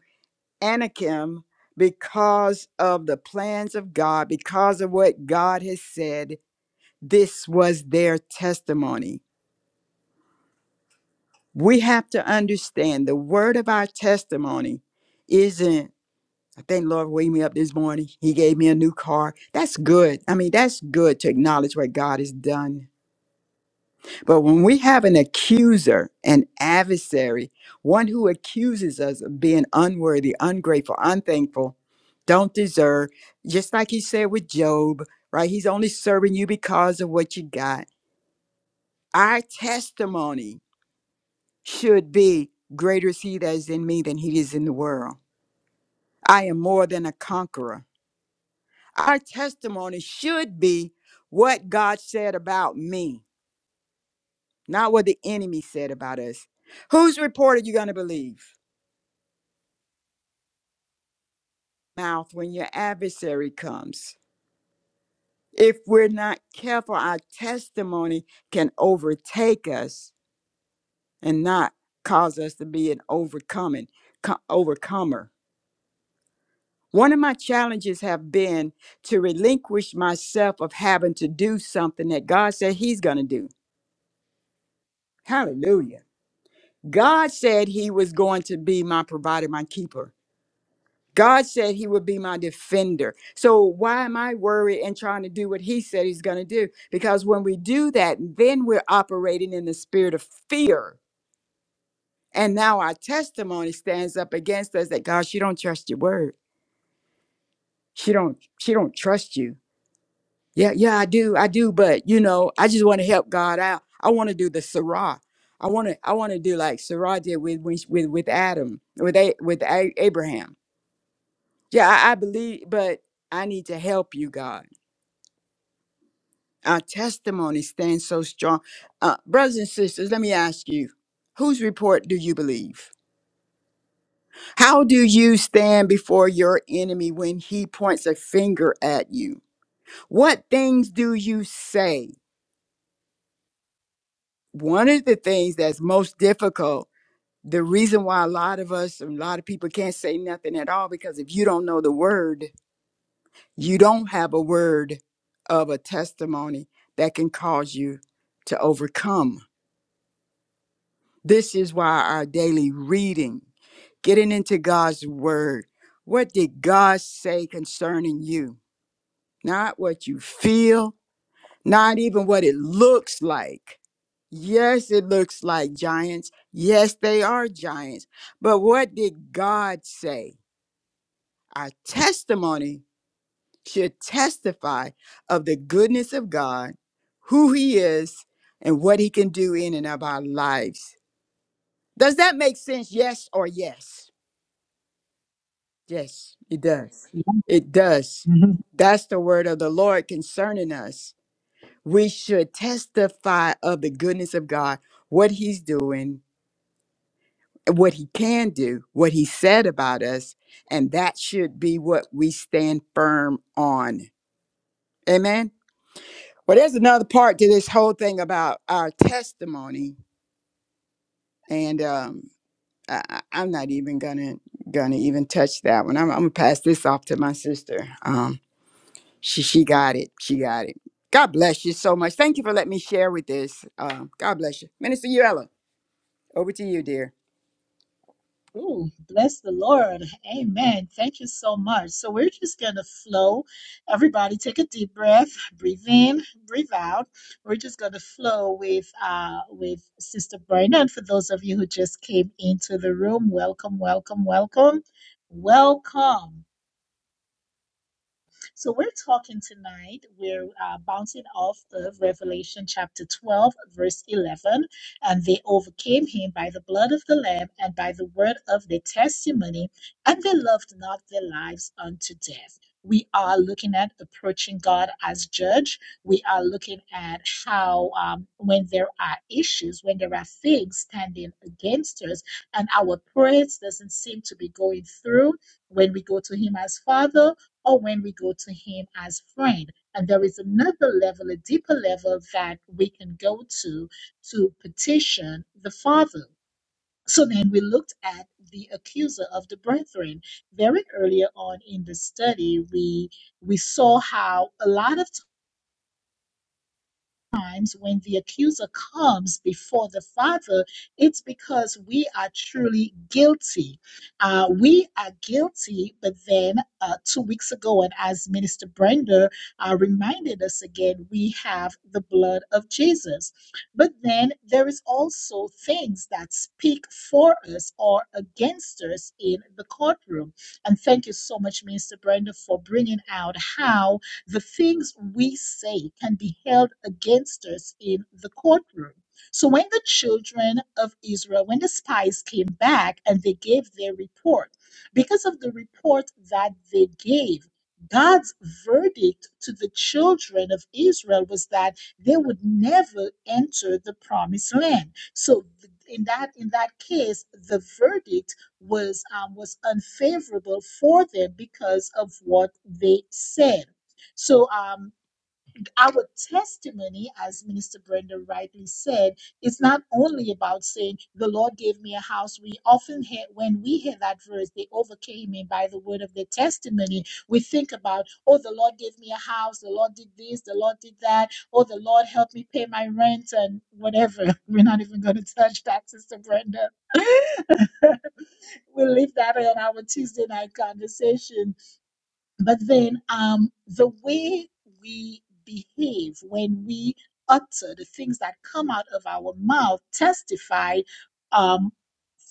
[SPEAKER 4] Anakim because of the plans of God, because of what God has said. This was their testimony We have to understand the word of our testimony isn't, I think Lord for waking me up this morning. He gave me a new car. That's good. I mean, that's good to acknowledge what God has done. But when we have an accuser, an adversary, one who accuses us of being unworthy, ungrateful, unthankful, don't deserve, just like he said with Job, right? He's only serving you because of what you got. Our testimony should be greater is he that is in me than he is in the world. I am more than a conqueror. Our testimony should be what God said about me, not what the enemy said about us. Whose report are you going to believe? Mouth when your adversary comes. If we're not careful, our testimony can overtake us and not cause us to be an overcoming co- overcomer. One of my challenges have been to relinquish myself of having to do something that God said He's going to do. Hallelujah. God said He was going to be my provider, my keeper. God said He would be my defender. So why am I worried and trying to do what He said He's going to do? Because when we do that, then we're operating in the spirit of fear. And now our testimony stands up against us that God, she don't trust your word. She don't, she don't trust you Yeah, yeah, I do. I do, but you know, I just want to help God out. I want to do the Sarah. I want to I want to do like Sarah did with when she- with with Adam, with a, with a, Abraham. Yeah, I, I believe, but I need to help you, God. Our testimony stands so strong. Uh, brothers and sisters, let me ask you, whose report do you believe? How do you stand before your enemy when he points a finger at you? What things do you say? One of the things that's most difficult the reason why a lot of us a lot of people can't say nothing at all because if you don't know the word you don't have a word of a testimony that can cause you to overcome this is why our daily reading getting into god's word what did god say concerning you not what you feel not even what it looks like yes it looks like giants yes they are giants but what did god say Our testimony should testify of the goodness of God, who He is, and what He can do in and of our lives. Does that make sense? Yes or yes? Yes, it does. It does.
[SPEAKER 1] Mhm.
[SPEAKER 4] That's the word of the Lord concerning us. We should testify of the goodness of God, what He's doing, what He can do, what He said about us, and that should be what we stand firm on. Amen. Well, there's another part to this whole thing about our testimony, and um, I, I- I'm not even gonna gonna even touch that one. I'm, I'm gonna pass this off to my sister. Um, she she got it. She got it. God bless you so much. Thank you for letting me share with this. Um, God bless you, Minister Uella. Over to you, dear.
[SPEAKER 1] Ooh, bless the Lord. Amen. Thank you so much. So we're just going to flow. Everybody take a deep breath, breathe in, breathe out. We're just going to flow with uh with Sister Bryna. And for those of you who just came into the room, welcome, welcome, welcome. Welcome. So we're talking tonight, we're uh, bouncing off of Revelation chapter 12, verse 11. And they overcame him by the blood of the Lamb and by the word of their testimony, and they loved not their lives unto death. We are looking at approaching God as judge. We are looking at how, um, when there are issues, when there are things standing against us, and our prayers doesn't seem to be going through, when we go to Him as Father, or when we go to Him as friend. And there is another level, a deeper level that we can go to to petition the Father. So then we looked at the accuser of the brethren. Very earlier on in the study, we we saw how a lot of times when the accuser comes before the Father, it's because we are truly guilty. Uh, we are guilty, but then uh, two weeks ago, and as Minister Brenda uh, reminded us again, we have the blood of Jesus. But then there is also things that speak for us or against us in the courtroom. And thank you so much, Minister Brenda, for bringing out how the things we say can be held against us in the courtroom. So when the children of Israel, when the spies came back and they gave their report, because of the report that they gave, God's verdict to the children of Israel was that they would never enter the promised land. So th- in that in that case, the verdict was um, was unfavorable for them because of what they said. So, um, our testimony, as Minister Brenda rightly said, is not only about saying, The Lord gave me a house. We often hear, when we hear that verse, they overcame me by the word of their testimony. We think about, Oh, the Lord gave me a house. The Lord did this. The Lord did that. Oh, the Lord helped me pay my rent and whatever. We're not even going to touch that, Sister Brenda. we'll leave that on our Tuesday night conversation but then um, the way we behave when we utter the things that come out of our mouth testify um,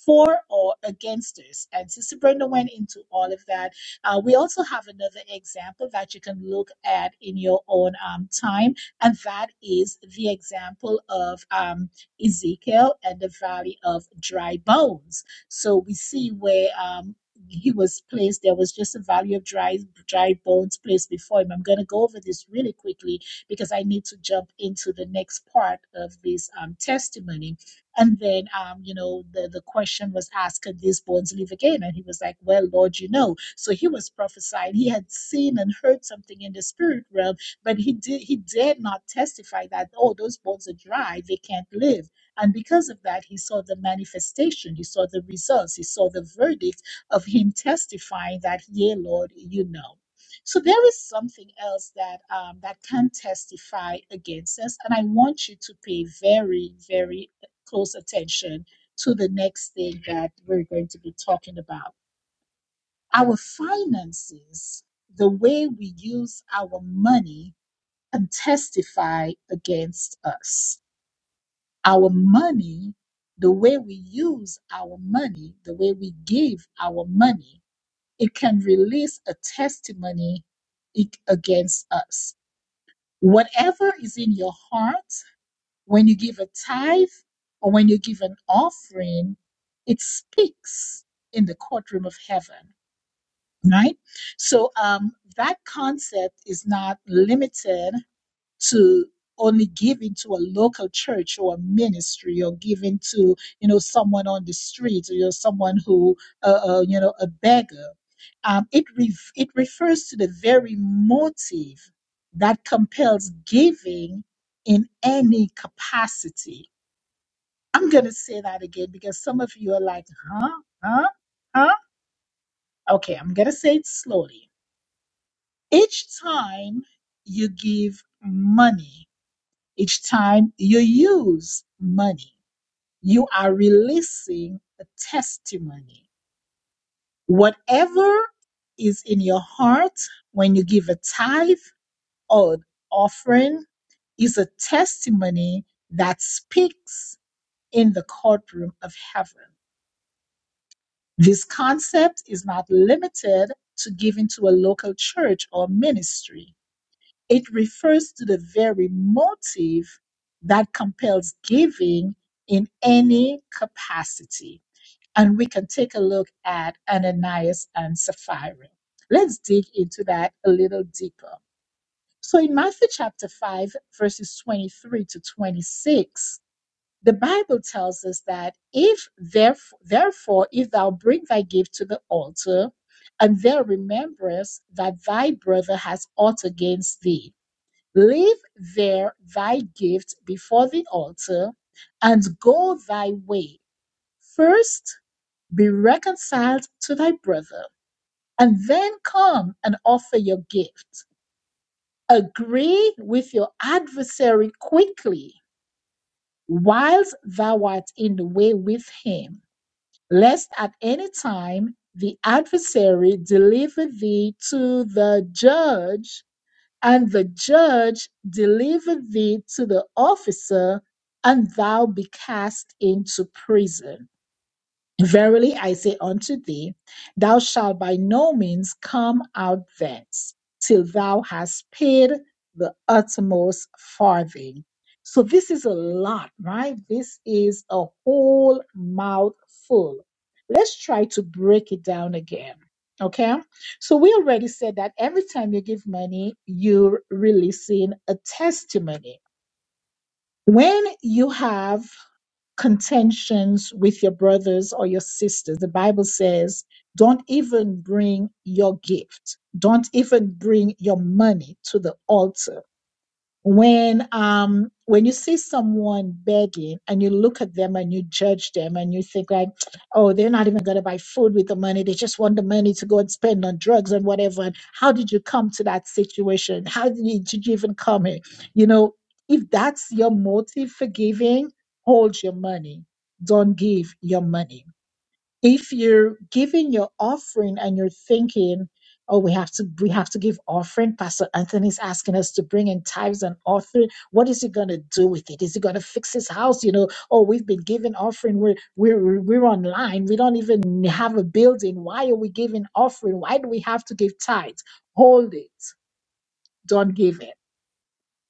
[SPEAKER 1] for or against us. And Sister Brenda went into all of that. Uh, we also have another example that you can look at in your own um, time, and that is the example of um, Ezekiel and the valley of dry bones. So we see where. Um, he was placed there was just a valley of dry dry bones placed before him i'm going to go over this really quickly because i need to jump into the next part of this um, testimony and then um, you know the, the question was asked could these bones live again and he was like well lord you know so he was prophesying he had seen and heard something in the spirit realm but he did he dared not testify that oh those bones are dry they can't live and because of that he saw the manifestation he saw the results he saw the verdict of him testifying that, yea, Lord, you know. So there is something else that um, that can testify against us, and I want you to pay very, very close attention to the next thing that we're going to be talking about. Our finances, the way we use our money, can testify against us. Our money, the way we use our money, the way we give our money it can release a testimony i- against us. Whatever is in your heart, when you give a tithe or when you give an offering, it speaks in the courtroom of heaven, right? So um, that concept is not limited to only giving to a local church or a ministry or giving to you know someone on the street or you know, someone who uh, uh, you know a beggar um, it ref it refers to the very motive that compels giving in any capacity i'm going to say that again because some of you are like huh huh huh okay i'm going to say it slowly each time you give money Each time you use money, you are releasing a testimony. Whatever is in your heart when you give a tithe or an offering is a testimony that speaks in the courtroom of heaven. This concept is not limited to giving to a local church or ministry. It refers to the very motive that compels giving in any capacity. And we can take a look at Ananias and Sapphira. Let's dig into that a little deeper. So in Matthew chapter 5, verses 23 to 26, the Bible tells us that if therefore, therefore if thou bring thy gift to the altar, and there rememberest that thy brother has ought against thee, Leave there thy gift before the altar, and go thy way. First be reconciled to thy brother, and then come and offer your gift. Agree with your adversary quickly, whilst thou art in the way with him, lest at any time the adversary deliver thee to the judge and the judge delivered thee to the officer, and thou be cast into prison. Verily I say unto thee, thou shalt by no means come out thence till thou hast paid the uttermost farthing. So this is a lot, right? This is a whole mouthful. Let's try to break it down again. Okay. So we already said that every time you give money, you're releasing a testimony. When you have contentions with your brothers or your sisters. The Bible says, don't even bring your gift, don't even bring your money to the altar when um when you see someone begging and you look at them and you judge them and you think like oh they're not even going to buy food with the money they just want the money to go and spend on drugs and whatever and how did you come to that situation how did you, did you even come here you know if that's your motive for giving hold your money don't give your money if you're giving your offering and you're thinking, oh, we have to we have to give offering, Pastor Anthony's asking us to bring in tithes and offering. What is he gonna do with it? Is he gonna fix his house? You know, oh, we've been giving offering, we're we're we're online, we don't even have a building. Why are we giving offering? Why do we have to give tithes? Hold it, don't give it.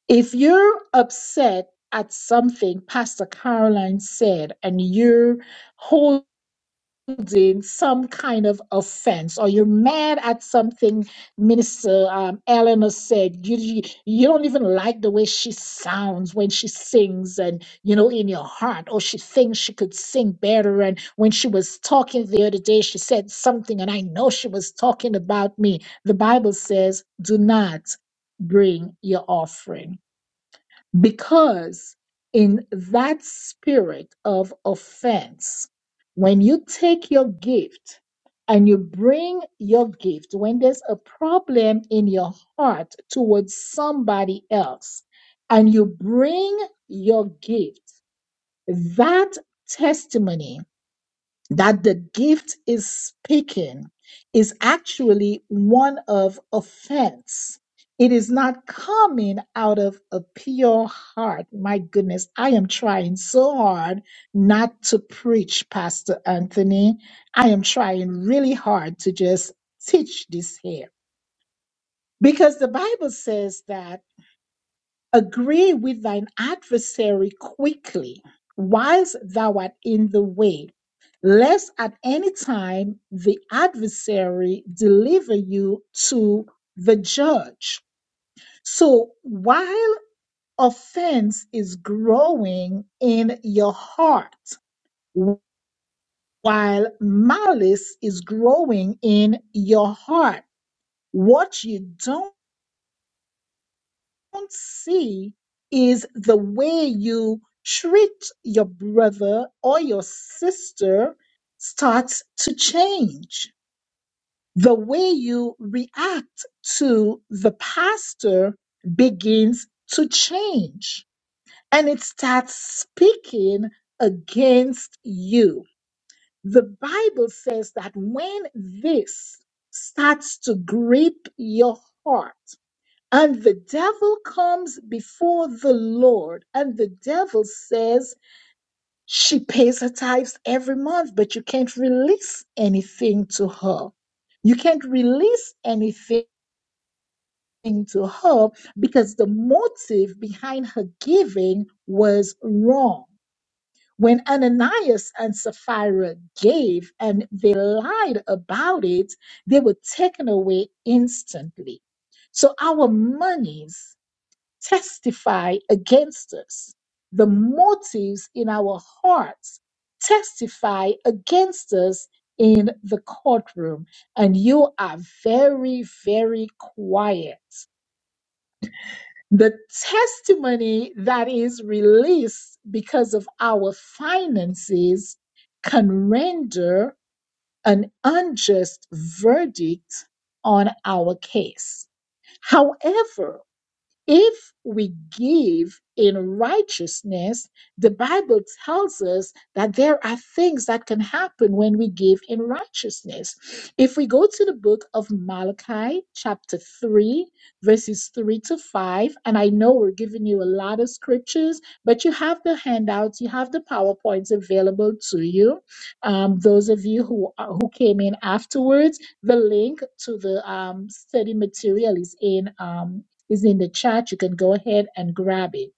[SPEAKER 1] If you're upset at something Pastor Caroline said and you're holding holding some kind of offense or you're mad at something minister um, eleanor said you, you you don't even like the way she sounds when she sings and you know in your heart or she thinks she could sing better and when she was talking the other day she said something and i know she was talking about me the bible says do not bring your offering because in that spirit of offense, when you take your gift and you bring your gift, when there's a problem in your heart towards somebody else, and you bring your gift, that testimony that the gift is speaking is actually one of offense. It is not coming out of a pure heart. My goodness, I am trying so hard not to preach, Pastor Anthony. I am trying really hard to just teach this here because the Bible says that. Agree with thine adversary quickly, whilst thou art in the way, lest at any time the adversary deliver you to the judge. So while offense is growing in your heart, while malice is growing in your heart, what you don't don't see is the way you treat your brother or your sister starts to change. The way you react to the pastor begins to change and it starts speaking against you. The Bible says that when this starts to grip your heart, and the devil comes before the Lord, and the devil says, She pays her tithes every month, but you can't release anything to her. You can't release anything to her because the motive behind her giving was wrong. When Ananias and Sapphira gave and they lied about it, they were taken away instantly. So our monies testify against us. The motives in our hearts testify against us in the courtroom. And you are very, very quiet. The testimony that is released because of our finances can render an unjust verdict on our case. However, if we give in righteousness, the Bible tells us that there are things that can happen when we give in righteousness. If we go to the book of Malachi, chapter 3, verses 3 to 5, and I know we're giving you a lot of scriptures, but you have the handouts, you have the PowerPoints available to you. Um, those of you who, are- who came in afterwards, the link to the um, study material is in. Um, is in the chat. You can go ahead and grab it.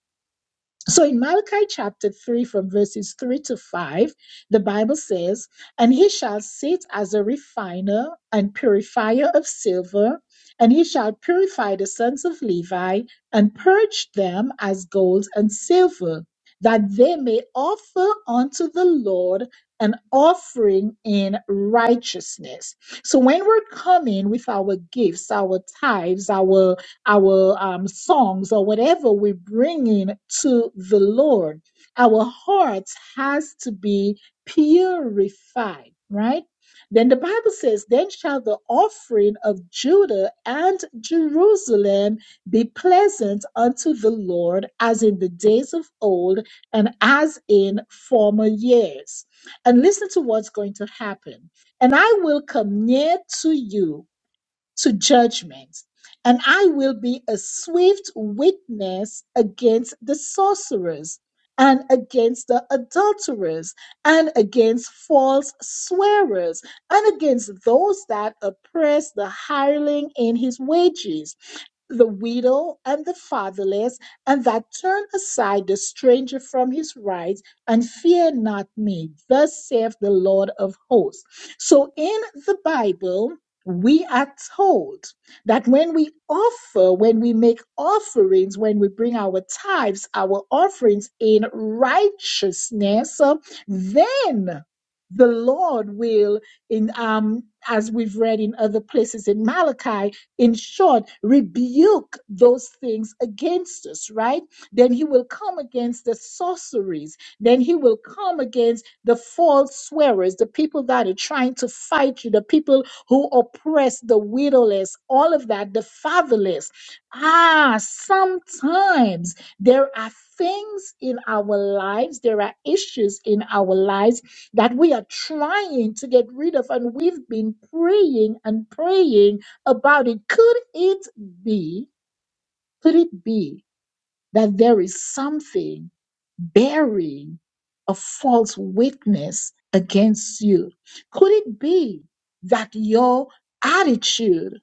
[SPEAKER 1] So in Malachi chapter 3, from verses 3 to 5, the Bible says, And he shall sit as a refiner and purifier of silver, and he shall purify the sons of Levi and purge them as gold and silver, that they may offer unto the Lord an offering in righteousness. So when we're coming with our gifts, our tithes, our our um, songs or whatever we're bringing to the Lord. Our hearts has to be purified, right? Then the Bible says, Then shall the offering of Judah and Jerusalem be pleasant unto the Lord as in the days of old and as in former years. And listen to what's going to happen. And I will come near to you to judgment, and I will be a swift witness against the sorcerers and against the adulterers and against false swearers and against those that oppress the hireling in his wages the widow and the fatherless, and that turn aside the stranger from his rights, and fear not me. Thus saith the Lord of hosts. So in the Bible, we are told that when we offer, when we make offerings, when we bring our tithes, our offerings in righteousness, uh, then the Lord will, in um, as we've read in other places in Malachi, in short, rebuke those things against us, right? Then he will come against the sorceries. Then he will come against the false swearers, the people that are trying to fight you, the people who oppress the widowless, all of that, the fatherless. Ah, sometimes there are things in our lives, there are issues in our lives that we are trying to get rid of, and we've been praying and praying about it. Could it be, could it be that there is something bearing a false witness against you? Could it be that your attitude,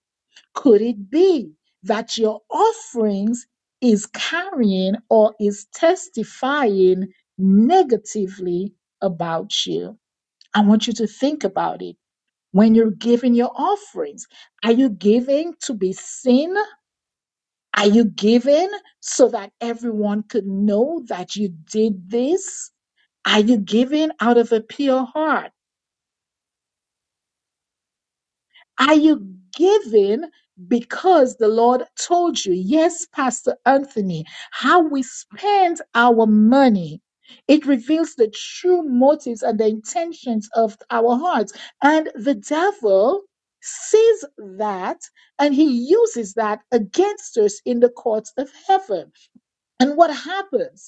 [SPEAKER 1] could it be that your offerings is carrying or is testifying negatively about you? I want you to think about it. When you're giving your offerings, are you giving to be seen? Are you giving so that everyone could know that you did this? Are you giving out of a pure heart? Are you giving because the Lord told you? Yes, Pastor Anthony, how we spend our money. It reveals the true motives and the intentions of our hearts. And the devil sees that and he uses that against us in the courts of heaven. And what happens?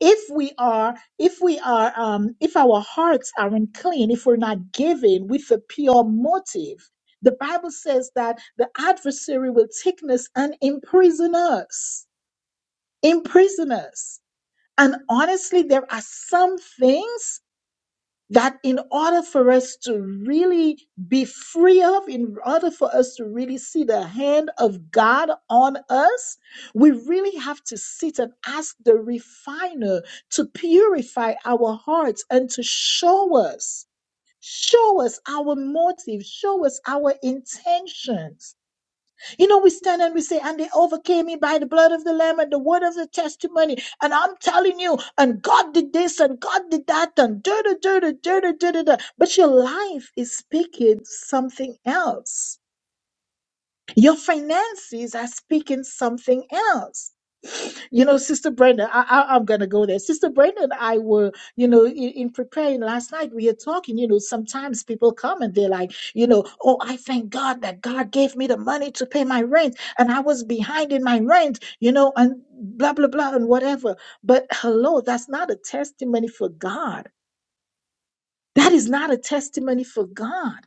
[SPEAKER 1] if we are if we are um if our hearts are unclean if we're not giving with a pure motive the bible says that the adversary will take us and imprison us imprison us and honestly there are some things that in order for us to really be free of, in order for us to really see the hand of God on us, we really have to sit and ask the refiner to purify our hearts and to show us, show us our motive, show us our intentions you know, we stand and we say, and they overcame me by the blood of the Lamb and the word of the testimony. And I'm telling you, and God did this and God did that and da da da da da da da da. da. But your life is speaking something else. Your finances are speaking something else. You know, Sister Brenda, I, I, I'm going to go there. Sister Brenda and I were, you know, in, in preparing last night, we were talking, you know, sometimes people come and they're like, you know, oh, I thank God that God gave me the money to pay my rent and I was behind in my rent, you know, and blah, blah, blah, and whatever. But hello, that's not a testimony for God. That is not a testimony for God.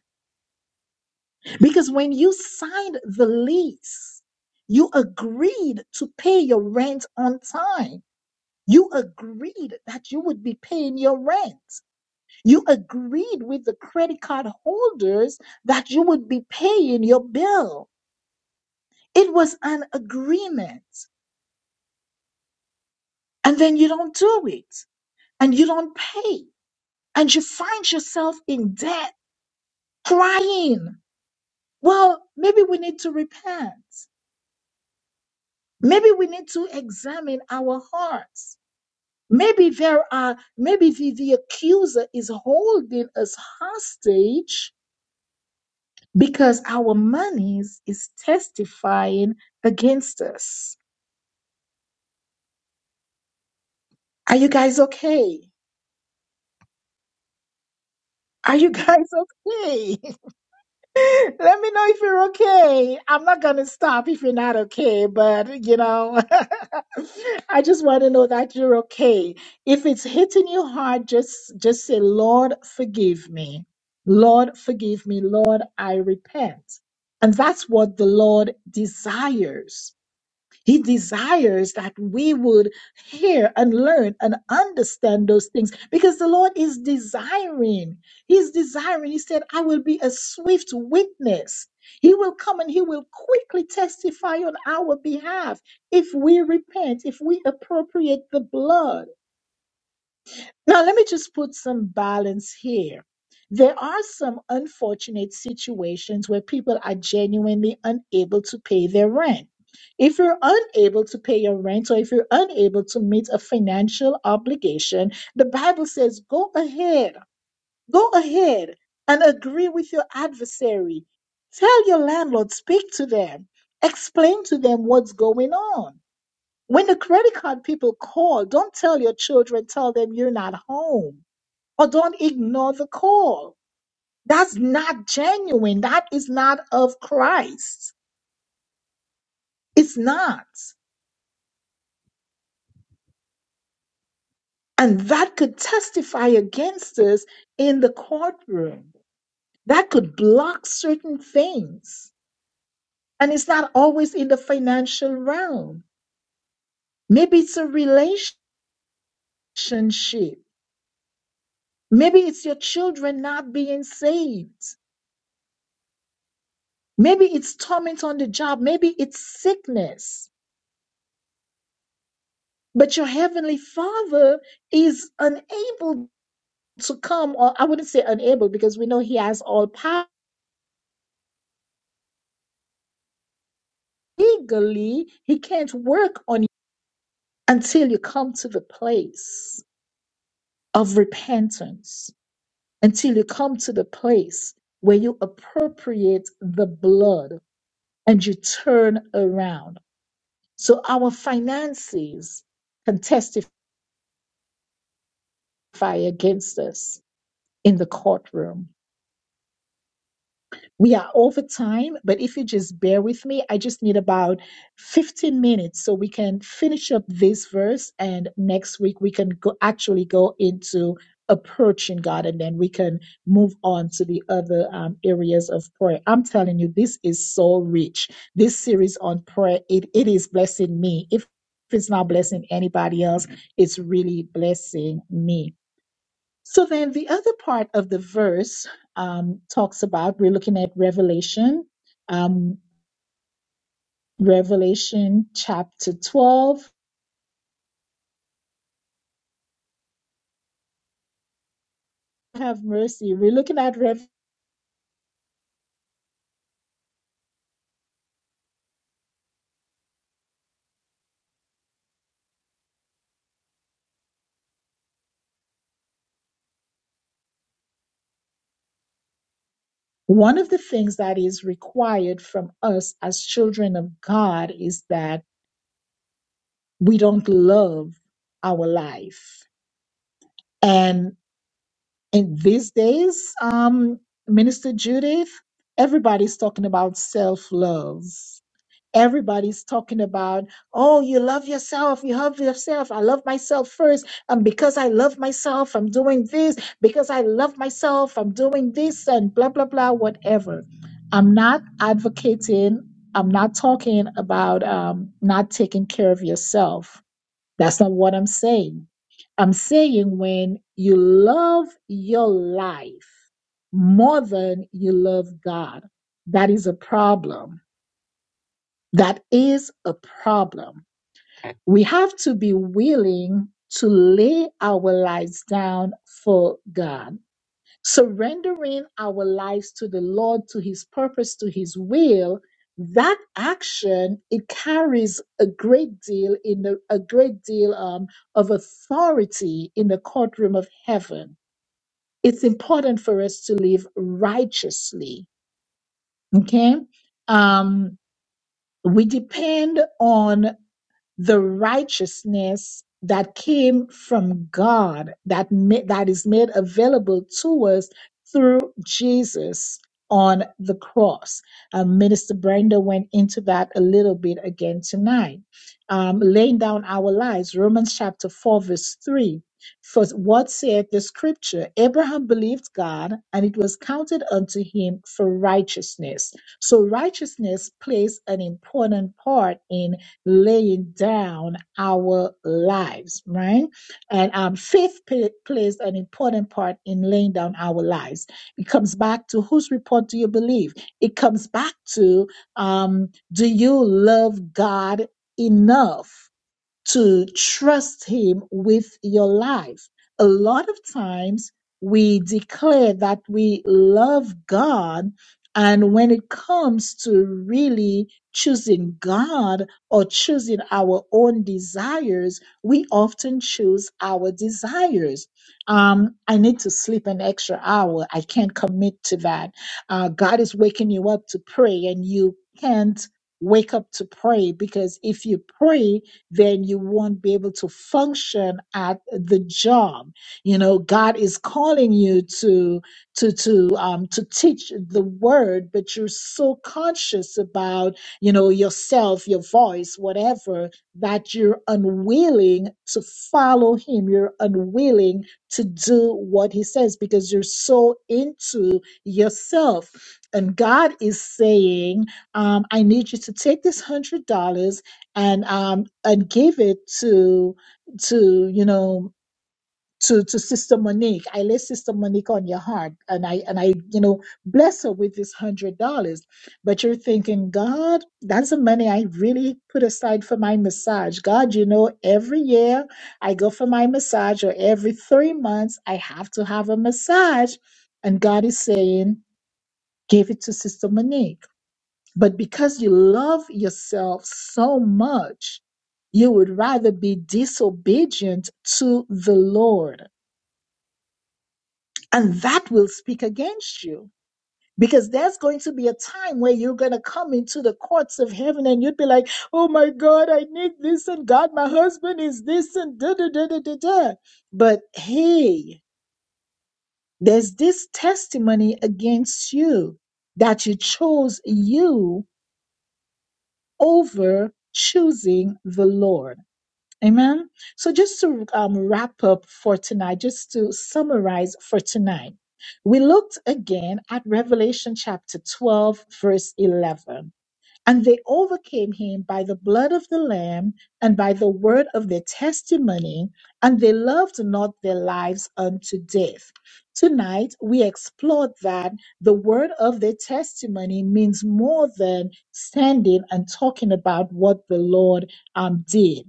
[SPEAKER 1] Because when you signed the lease, you agreed to pay your rent on time You agreed that you would be paying your rent. You agreed with the credit card holders that you would be paying your bill. It was an agreement. And then you don't do it and you don't pay and you find yourself in debt crying. Well, maybe we need to repent. Maybe we need to examine our hearts. Maybe there are, maybe the, the accuser is holding us hostage because our monies is testifying against us. Are you guys okay? Are you guys okay? Let me know if you're okay. I'm not going to stop if you're not okay, but you know, I just want to know that you're okay. If it's hitting you hard, just just say, "Lord, forgive me. Lord, forgive me. Lord, I repent." And that's what the Lord desires. He desires that we would hear and learn and understand those things because the Lord is desiring. He's desiring. He said, I will be a swift witness. He will come and he will quickly testify on our behalf if we repent, if we appropriate the blood. Now, let me just put some balance here. There are some unfortunate situations where people are genuinely unable to pay their rent. If you're unable to pay your rent or if you're unable to meet a financial obligation, the Bible says, go ahead, go ahead and agree with your adversary. Tell your landlord, speak to them, explain to them what's going on. When the credit card people call, don't tell your children, tell them you're not home or don't ignore the call. That's not genuine. That is not of Christ. It's not. And that could testify against us in the courtroom. That could block certain things. And it's not always in the financial realm. Maybe it's a relationship. Maybe it's your children not being saved. Maybe it's torment on the job. Maybe it's sickness. But your heavenly Father is unable to come, or I wouldn't say unable because we know He has all power. Legally, He can't work on you until you come to the place of repentance, until you come to the place where you appropriate the blood and you turn around. So our finances can testify against us in the courtroom We are over time, but if you just bear with me, I just need about 15 minutes so we can finish up this verse and next week we can go actually go into approaching God and then we can move on to the other um, areas of prayer. I'm telling you, this is so rich. This series on prayer, it, it is blessing me. If if it's not blessing anybody else, it's really blessing me. So then the other part of the verse um, talks about, we're looking at Revelation, um, Revelation chapter 12. Have mercy. We're looking at Rev. One of the things that is required from us as children of God is that we don't love our life. And in these days, um, Minister Judith, everybody's talking about self love Everybody's talking about, oh, you love yourself. You love yourself. I love myself first. And because I love myself, I'm doing this. Because I love myself, I'm doing this and blah, blah, blah, whatever. I'm not advocating, I'm not talking about um, not taking care of yourself. That's not what I'm saying. I'm saying when you love your life more than you love God, that is a problem that is a problem. We have to be willing to lay our lives down for God. Surrendering our lives to the Lord, to His purpose, to His will, that action, it carries a great deal in the, a great deal um, of authority in the courtroom of heaven. It's important for us to live righteously. Okay. Um, we depend on the righteousness that came from God that ma- that is made available to us through Jesus on the cross. Um, Minister Brenda went into that a little bit again tonight. Um, laying down our lives, Romans chapter 4, verse 3. For what saith the scripture? Abraham believed God, and it was counted unto him for righteousness. So righteousness plays an important part in laying down our lives, right? And um, faith pay, plays an important part in laying down our lives. It comes back to whose report do you believe? It comes back to um, do you love God enough? to trust Him with your life. A lot of times we declare that we love God, and when it comes to really choosing God or choosing our own desires, we often choose our desires. Um, I need to sleep an extra hour. I can't commit to that. Uh, God is waking you up to pray, and you can't wake up to pray because if you pray, then you won't be able to function at the job. You know, God is calling you to to to um to teach the word, but you're so conscious about, you know, yourself, your voice, whatever, that you're unwilling to follow him. You're unwilling to do what he says because you're so into yourself. And God is saying, um, I need you to take this hundred dollars and um and gave it to to you know to to Sister Monique. I lay Sister Monique on your heart, and I and I you know bless her with this hundred dollars. But you're thinking, God, that's the money I really put aside for my massage. God, you know, every year I go for my massage, or every three months I have to have a massage, and God is saying, give it to Sister Monique. But because you love yourself so much, you would rather be disobedient to the Lord. And that will speak against you. Because there's going to be a time where you're going to come into the courts of heaven and you'd be like, oh my God, I need this, and God, my husband is this, and da da da da da da. But hey, there's this testimony against you that you chose you over choosing the Lord. Amen. So, just to um, wrap up for tonight, just to summarize for tonight, we looked again at Revelation chapter 12, verse 11. And they overcame him by the blood of the Lamb and by the word of their testimony, and they loved not their lives unto death. Tonight, we explored that the word of their testimony means more than standing and talking about what the Lord um, did.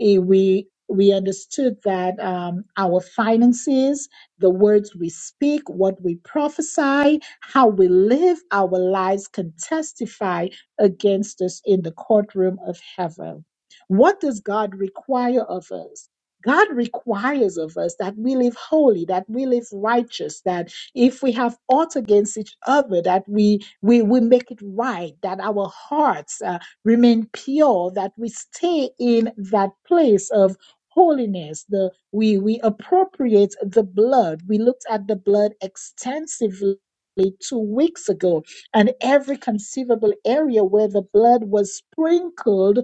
[SPEAKER 1] Eh, We we understood that um, our finances, the words we speak, what we prophesy, how we live our lives can testify against us in the courtroom of heaven. What does God require of us? God requires of us that we live holy, that we live righteous, that if we have aught against each other, that we we, we make it right, that our hearts uh, remain pure, that we stay in that place of holiness. The we we appropriate the blood. We looked at the blood extensively two weeks ago and every conceivable area where the blood was sprinkled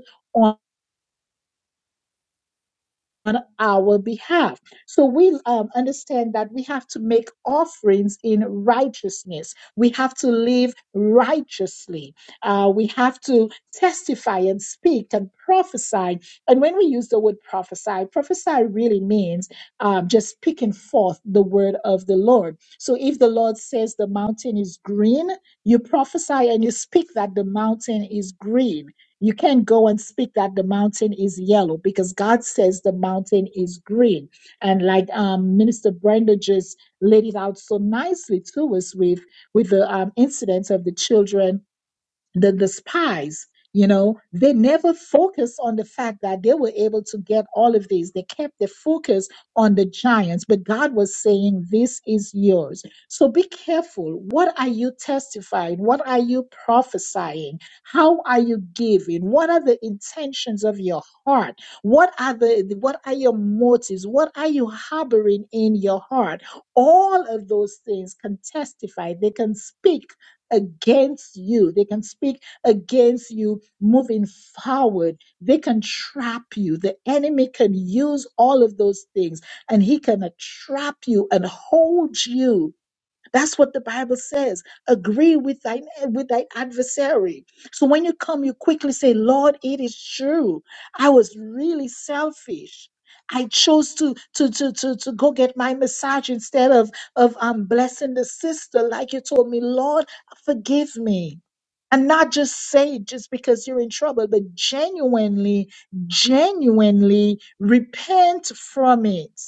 [SPEAKER 1] on our behalf. So we um, understand that we have to make offerings in righteousness. We have to live righteously. Uh, we have to testify and speak and prophesy. And when we use the word prophesy, prophesy really means um, just speaking forth the word of the Lord. So if the Lord says the mountain is green, you prophesy and you speak that the mountain is green you can't go and speak that the mountain is yellow because God says the mountain is green. And like um, Minister Brenda just laid it out so nicely to us with with the um, incidents of the children the, the spies, you know, they never focused on the fact that they were able to get all of these. They kept the focus on the giants, but God was saying, This is yours. So be careful. What are you testifying? What are you prophesying? How are you giving? What are the intentions of your heart? What are the what are your motives? What are you harboring in your heart? All of those things can testify, they can speak against you. They can speak against you moving forward. They can trap you. The enemy can use all of those things and he can uh, trap you and hold you that's what the Bible says. Agree with thy with thy adversary. So when you come, you quickly say, Lord, it is true. I was really selfish. I chose to to to to, to go get my massage instead of of um blessing the sister, like you told me, Lord, forgive me. And not just say it just because you're in trouble, but genuinely, genuinely repent from it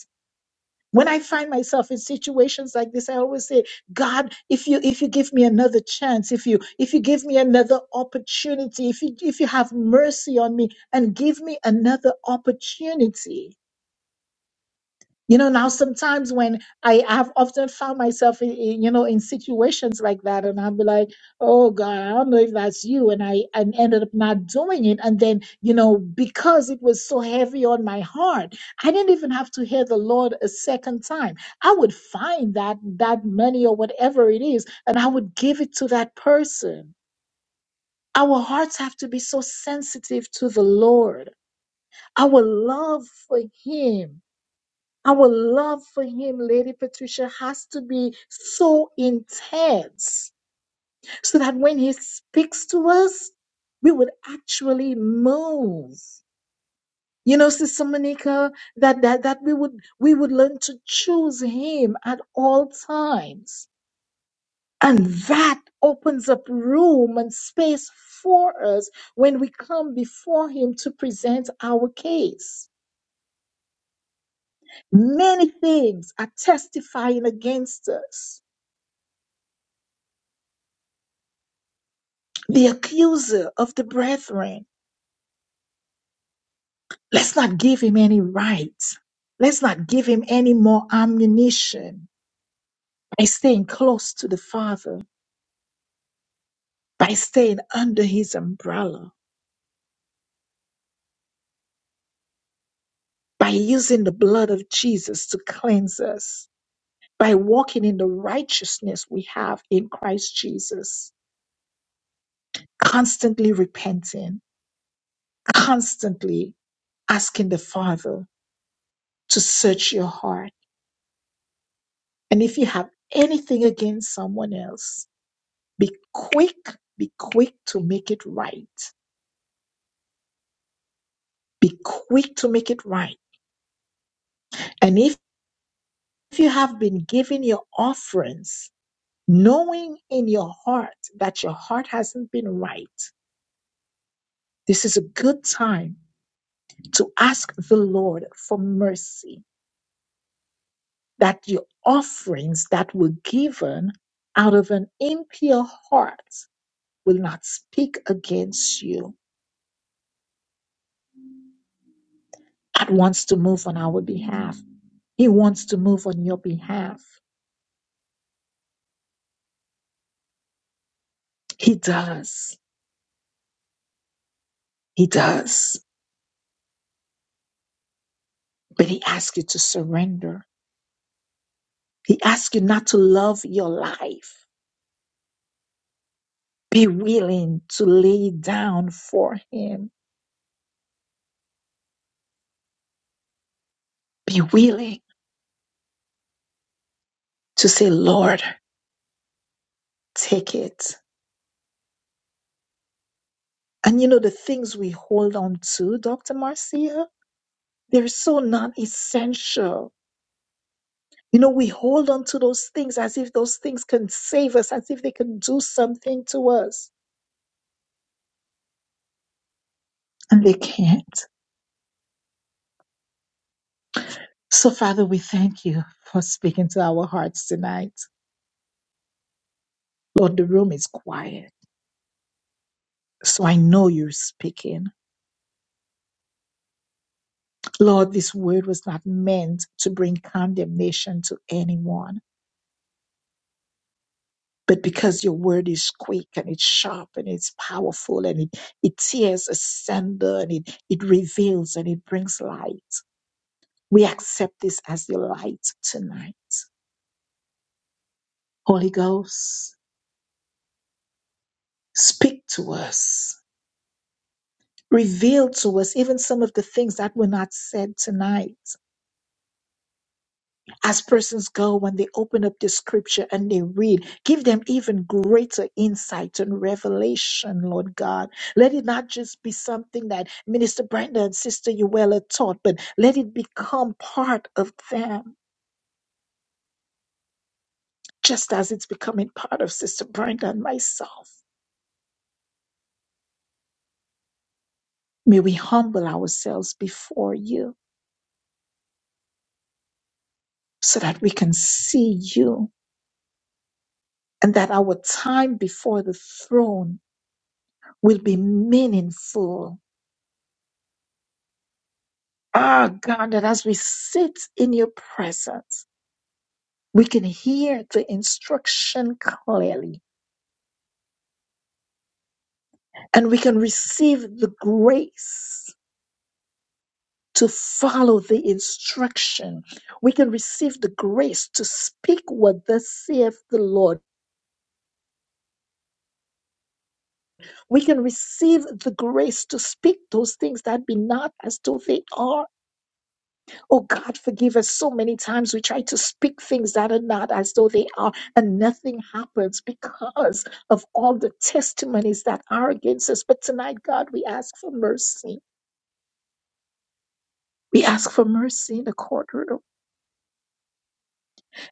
[SPEAKER 1] when i find myself in situations like this i always say god if you if you give me another chance if you if you give me another opportunity if you if you have mercy on me and give me another opportunity you know, now sometimes when I have often found myself in, in, you know, in situations like that, and I'll be like, oh God, I don't know if that's you. And I and ended up not doing it. And then, you know, because it was so heavy on my heart, I didn't even have to hear the Lord a second time. I would find that that money or whatever it is, and I would give it to that person. Our hearts have to be so sensitive to the Lord, our love for Him our love for him, Lady Patricia, has to be so intense so that when he speaks to us, we would actually move. You know, Sister Monica, that, that, that we would we would learn to choose him at all times. And that opens up room and space for us when we come before him to present our case. Many things are testifying against us the accuser of the brethren. Let's not give him any rights. Let's not give him any more ammunition by staying close to the Father, by staying under his umbrella, by using the blood of Jesus to cleanse us, by walking in the righteousness we have in Christ Jesus, constantly repenting, constantly asking the Father to search your heart. And if you have anything against someone else, Be quick, be quick to make it right. Be quick to make it right. And if, if you have been giving your offerings, knowing in your heart that your heart hasn't been right, this is a good time to ask the Lord for mercy that your offerings that were given out of an impure heart will not speak against you. God wants to move on our behalf. He wants to move on your behalf. He does. He does. But he asks you to surrender. He asks you not to love your life. Be willing to lay down for him. Be willing to say, Lord, take it. And you know, the things we hold on to, Dr. Marcia, they're so non essential. You know, we hold on to those things as if those things can save us, as if they can do something to us. And they can't. So, Father, we thank you for speaking to our hearts tonight. Lord, the room is quiet. So I know you're speaking. Lord, this word was not meant to bring condemnation to anyone, but because your word is quick and it's sharp and it's powerful and it, it tears asunder and it, it reveals and it brings light. We accept this as your light tonight. Holy Ghost, speak to us revealed to us even some of the things that were not said tonight. As persons go when they open up the scripture and they read, give them even greater insight and revelation, Lord God. Let it not just be something that Minister Brenda and Sister Uella taught, but let it become part of them, just as it's becoming part of Sister Brenda and myself. May we humble ourselves before you so that we can see you and that our time before the throne will be meaningful. Ah, God, that as we sit in your presence, we can hear the instruction clearly and we can receive the grace to follow the instruction. We can receive the grace to speak what thus saith the Lord. We can receive the grace to speak those things that be not as though they are Oh God, forgive us. So many times we try to speak things that are not as though they are, and nothing happens because of all the testimonies that are against us. But tonight, God, we ask for mercy. We ask for mercy in the courtroom,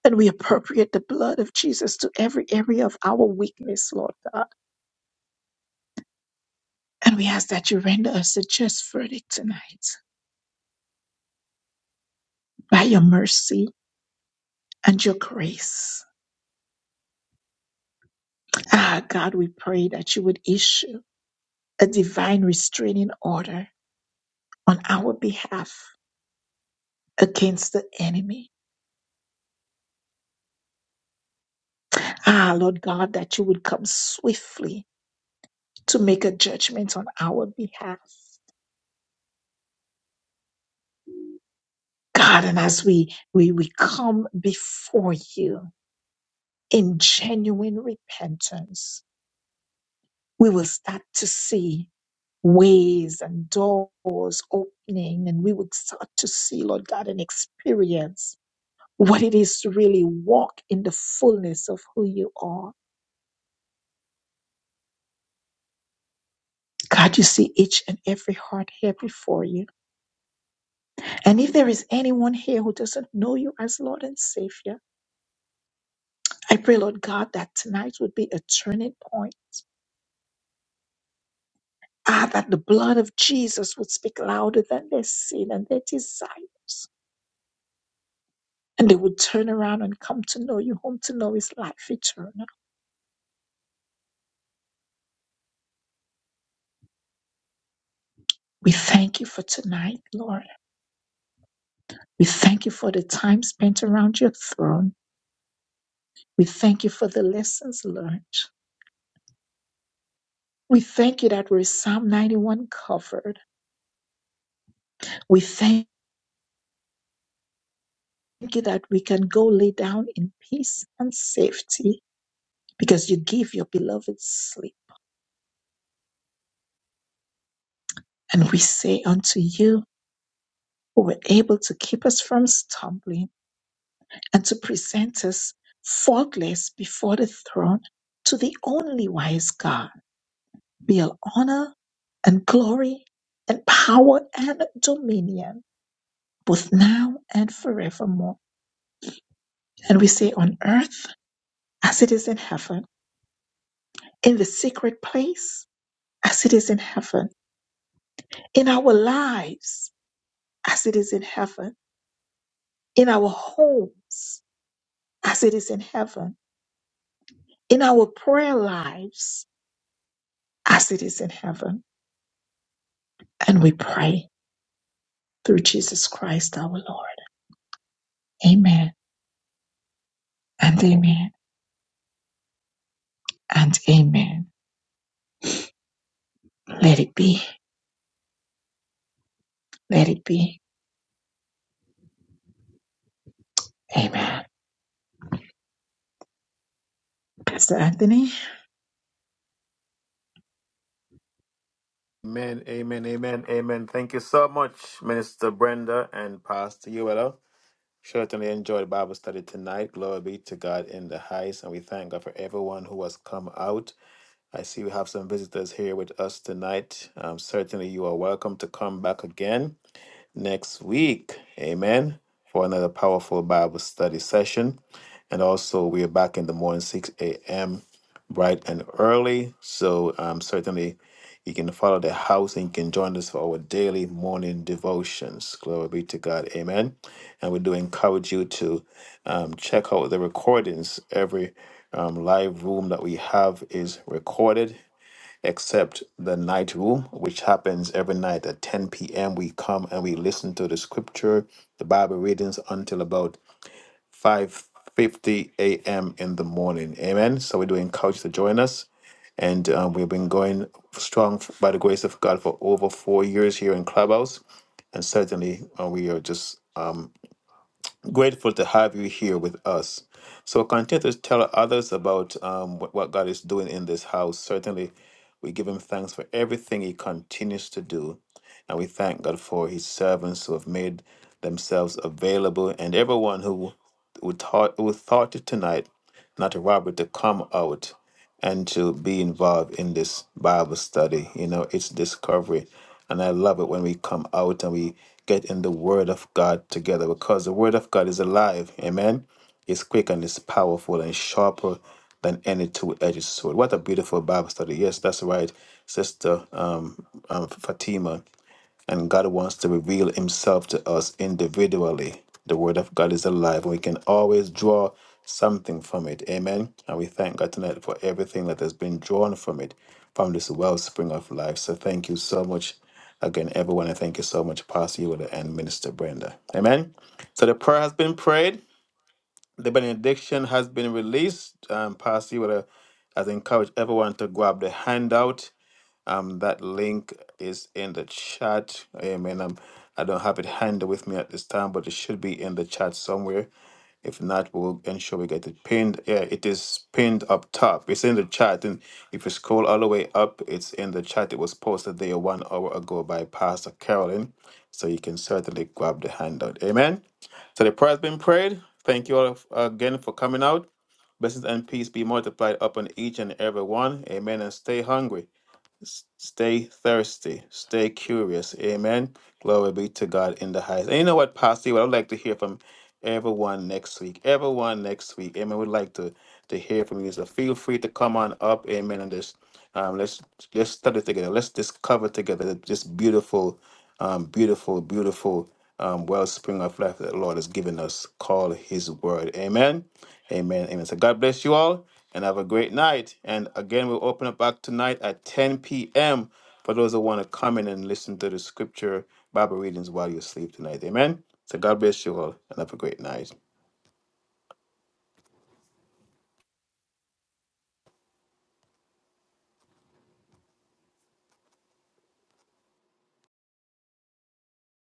[SPEAKER 1] and we appropriate the blood of Jesus to every area of our weakness, Lord God. And we ask that you render us a just verdict tonight by your mercy and your grace. Ah, God, we pray that you would issue a divine restraining order on our behalf against the enemy. Ah, Lord God, that you would come swiftly to make a judgment on our behalf. God, and as we, we, we come before you in genuine repentance, we will start to see ways and doors opening, and we would start to see, Lord God, and experience what it is to really walk in the fullness of who you are. God, you see each and every heart here before you. And if there is anyone here who doesn't know you as Lord and Savior, I pray, Lord God, that tonight would be a turning point. Ah, that the blood of Jesus would speak louder than their sin and their desires. And they would turn around and come to know you, home to know is life eternal. We thank you for tonight, Lord. We thank you for the time spent around your throne. We thank you for the lessons learned. We thank you that we're Psalm 91 covered. We thank you that we can go lay down in peace and safety because you give your beloved sleep. And we say unto you, who were able to keep us from stumbling and to present us faultless before the throne, to the only wise God, be all honor and glory and power and dominion, both now and forevermore. And we say on earth as it is in heaven, in the secret place as it is in heaven, in our lives as it is in heaven, in our homes as it is in heaven, in our prayer lives as it is in heaven. And we pray through Jesus Christ our Lord. Amen and amen and amen. Let it be. Let it be. Amen. Pastor Anthony.
[SPEAKER 3] Amen, amen, amen, amen. Thank you so much, Minister Brenda and Pastor Uella. Certainly enjoyed Bible study tonight. Glory be to God in the highest. And we thank God for everyone who has come out. I see we have some visitors here with us tonight. Um, certainly, you are welcome to come back again next week. Amen. For another powerful Bible study session. And also, we are back in the morning, 6 a.m., bright and early. So, um, certainly, you can follow the house and you can join us for our daily morning devotions. Glory be to God. Amen. And we do encourage you to um, check out the recordings. Every um, live room that we have is recorded except the night room, which happens every night at 10 p.m. We come and we listen to the scripture, the Bible readings until about 5:50 a.m. in the morning. Amen. So we do encourage you to join us. And um, we've been going strong f- by the grace of God for over four years here in Clubhouse. And certainly uh, we are just Grateful to have you here with us. So continue to tell others about um, what, what God is doing in this house. Certainly, we give Him thanks for everything He continues to do. And we thank God for His servants who have made themselves available and everyone who, who, thought, who thought it tonight not to robbery to come out and to be involved in this Bible study. You know, it's discovery. And I love it when we come out and we get in the Word of God together because the Word of God is alive. Amen. It's quick and it's powerful and sharper than any two edged sword. What a beautiful Bible study. Yes, that's right, Sister um, um, Fatima and God wants to reveal Himself to us individually. The Word of God is alive, and we can always draw something from it. Amen. And we thank God tonight for everything that has been drawn from it, from this wellspring of life. So thank you so much again, everyone. And thank you so much, Pastor Yoda and Minister Brenda. Amen. So the prayer has been prayed, the benediction has been released. Um, Pastor Yoda has encouraged everyone to grab the handout um, that link is in the chat. Amen. Um, I don't have it handy with me at this time, but it should be in the chat somewhere. If not, we'll ensure we get it pinned. Yeah, it is pinned up top. It's in the chat. And if you scroll all the way up, it's in the chat. It was posted there one hour ago by Pastor Carolyn. So you can certainly grab the handout. Amen. So the prayer has been prayed. Thank you all of- again for coming out. Blessings and peace be multiplied upon each and every one. Amen. And stay hungry. S- Stay thirsty. Stay curious. Amen. Glory be to God in the highest. And you know what, Pastor? What I'd like to hear from Everyone next week. Everyone next week. Amen. We'd like to to hear from you. So feel free to come on up. Amen. And just um, let's let's study together. Let's discover together this beautiful, um, beautiful, beautiful um, wellspring of life that the Lord has given us. Call His word. Amen. Amen. Amen. So God bless you all and have a great night. And again, we'll open up back tonight at 10 p.m for those that want to come in and listen to the scripture Bible readings while you sleep tonight. Amen. So God bless you all and have a great night.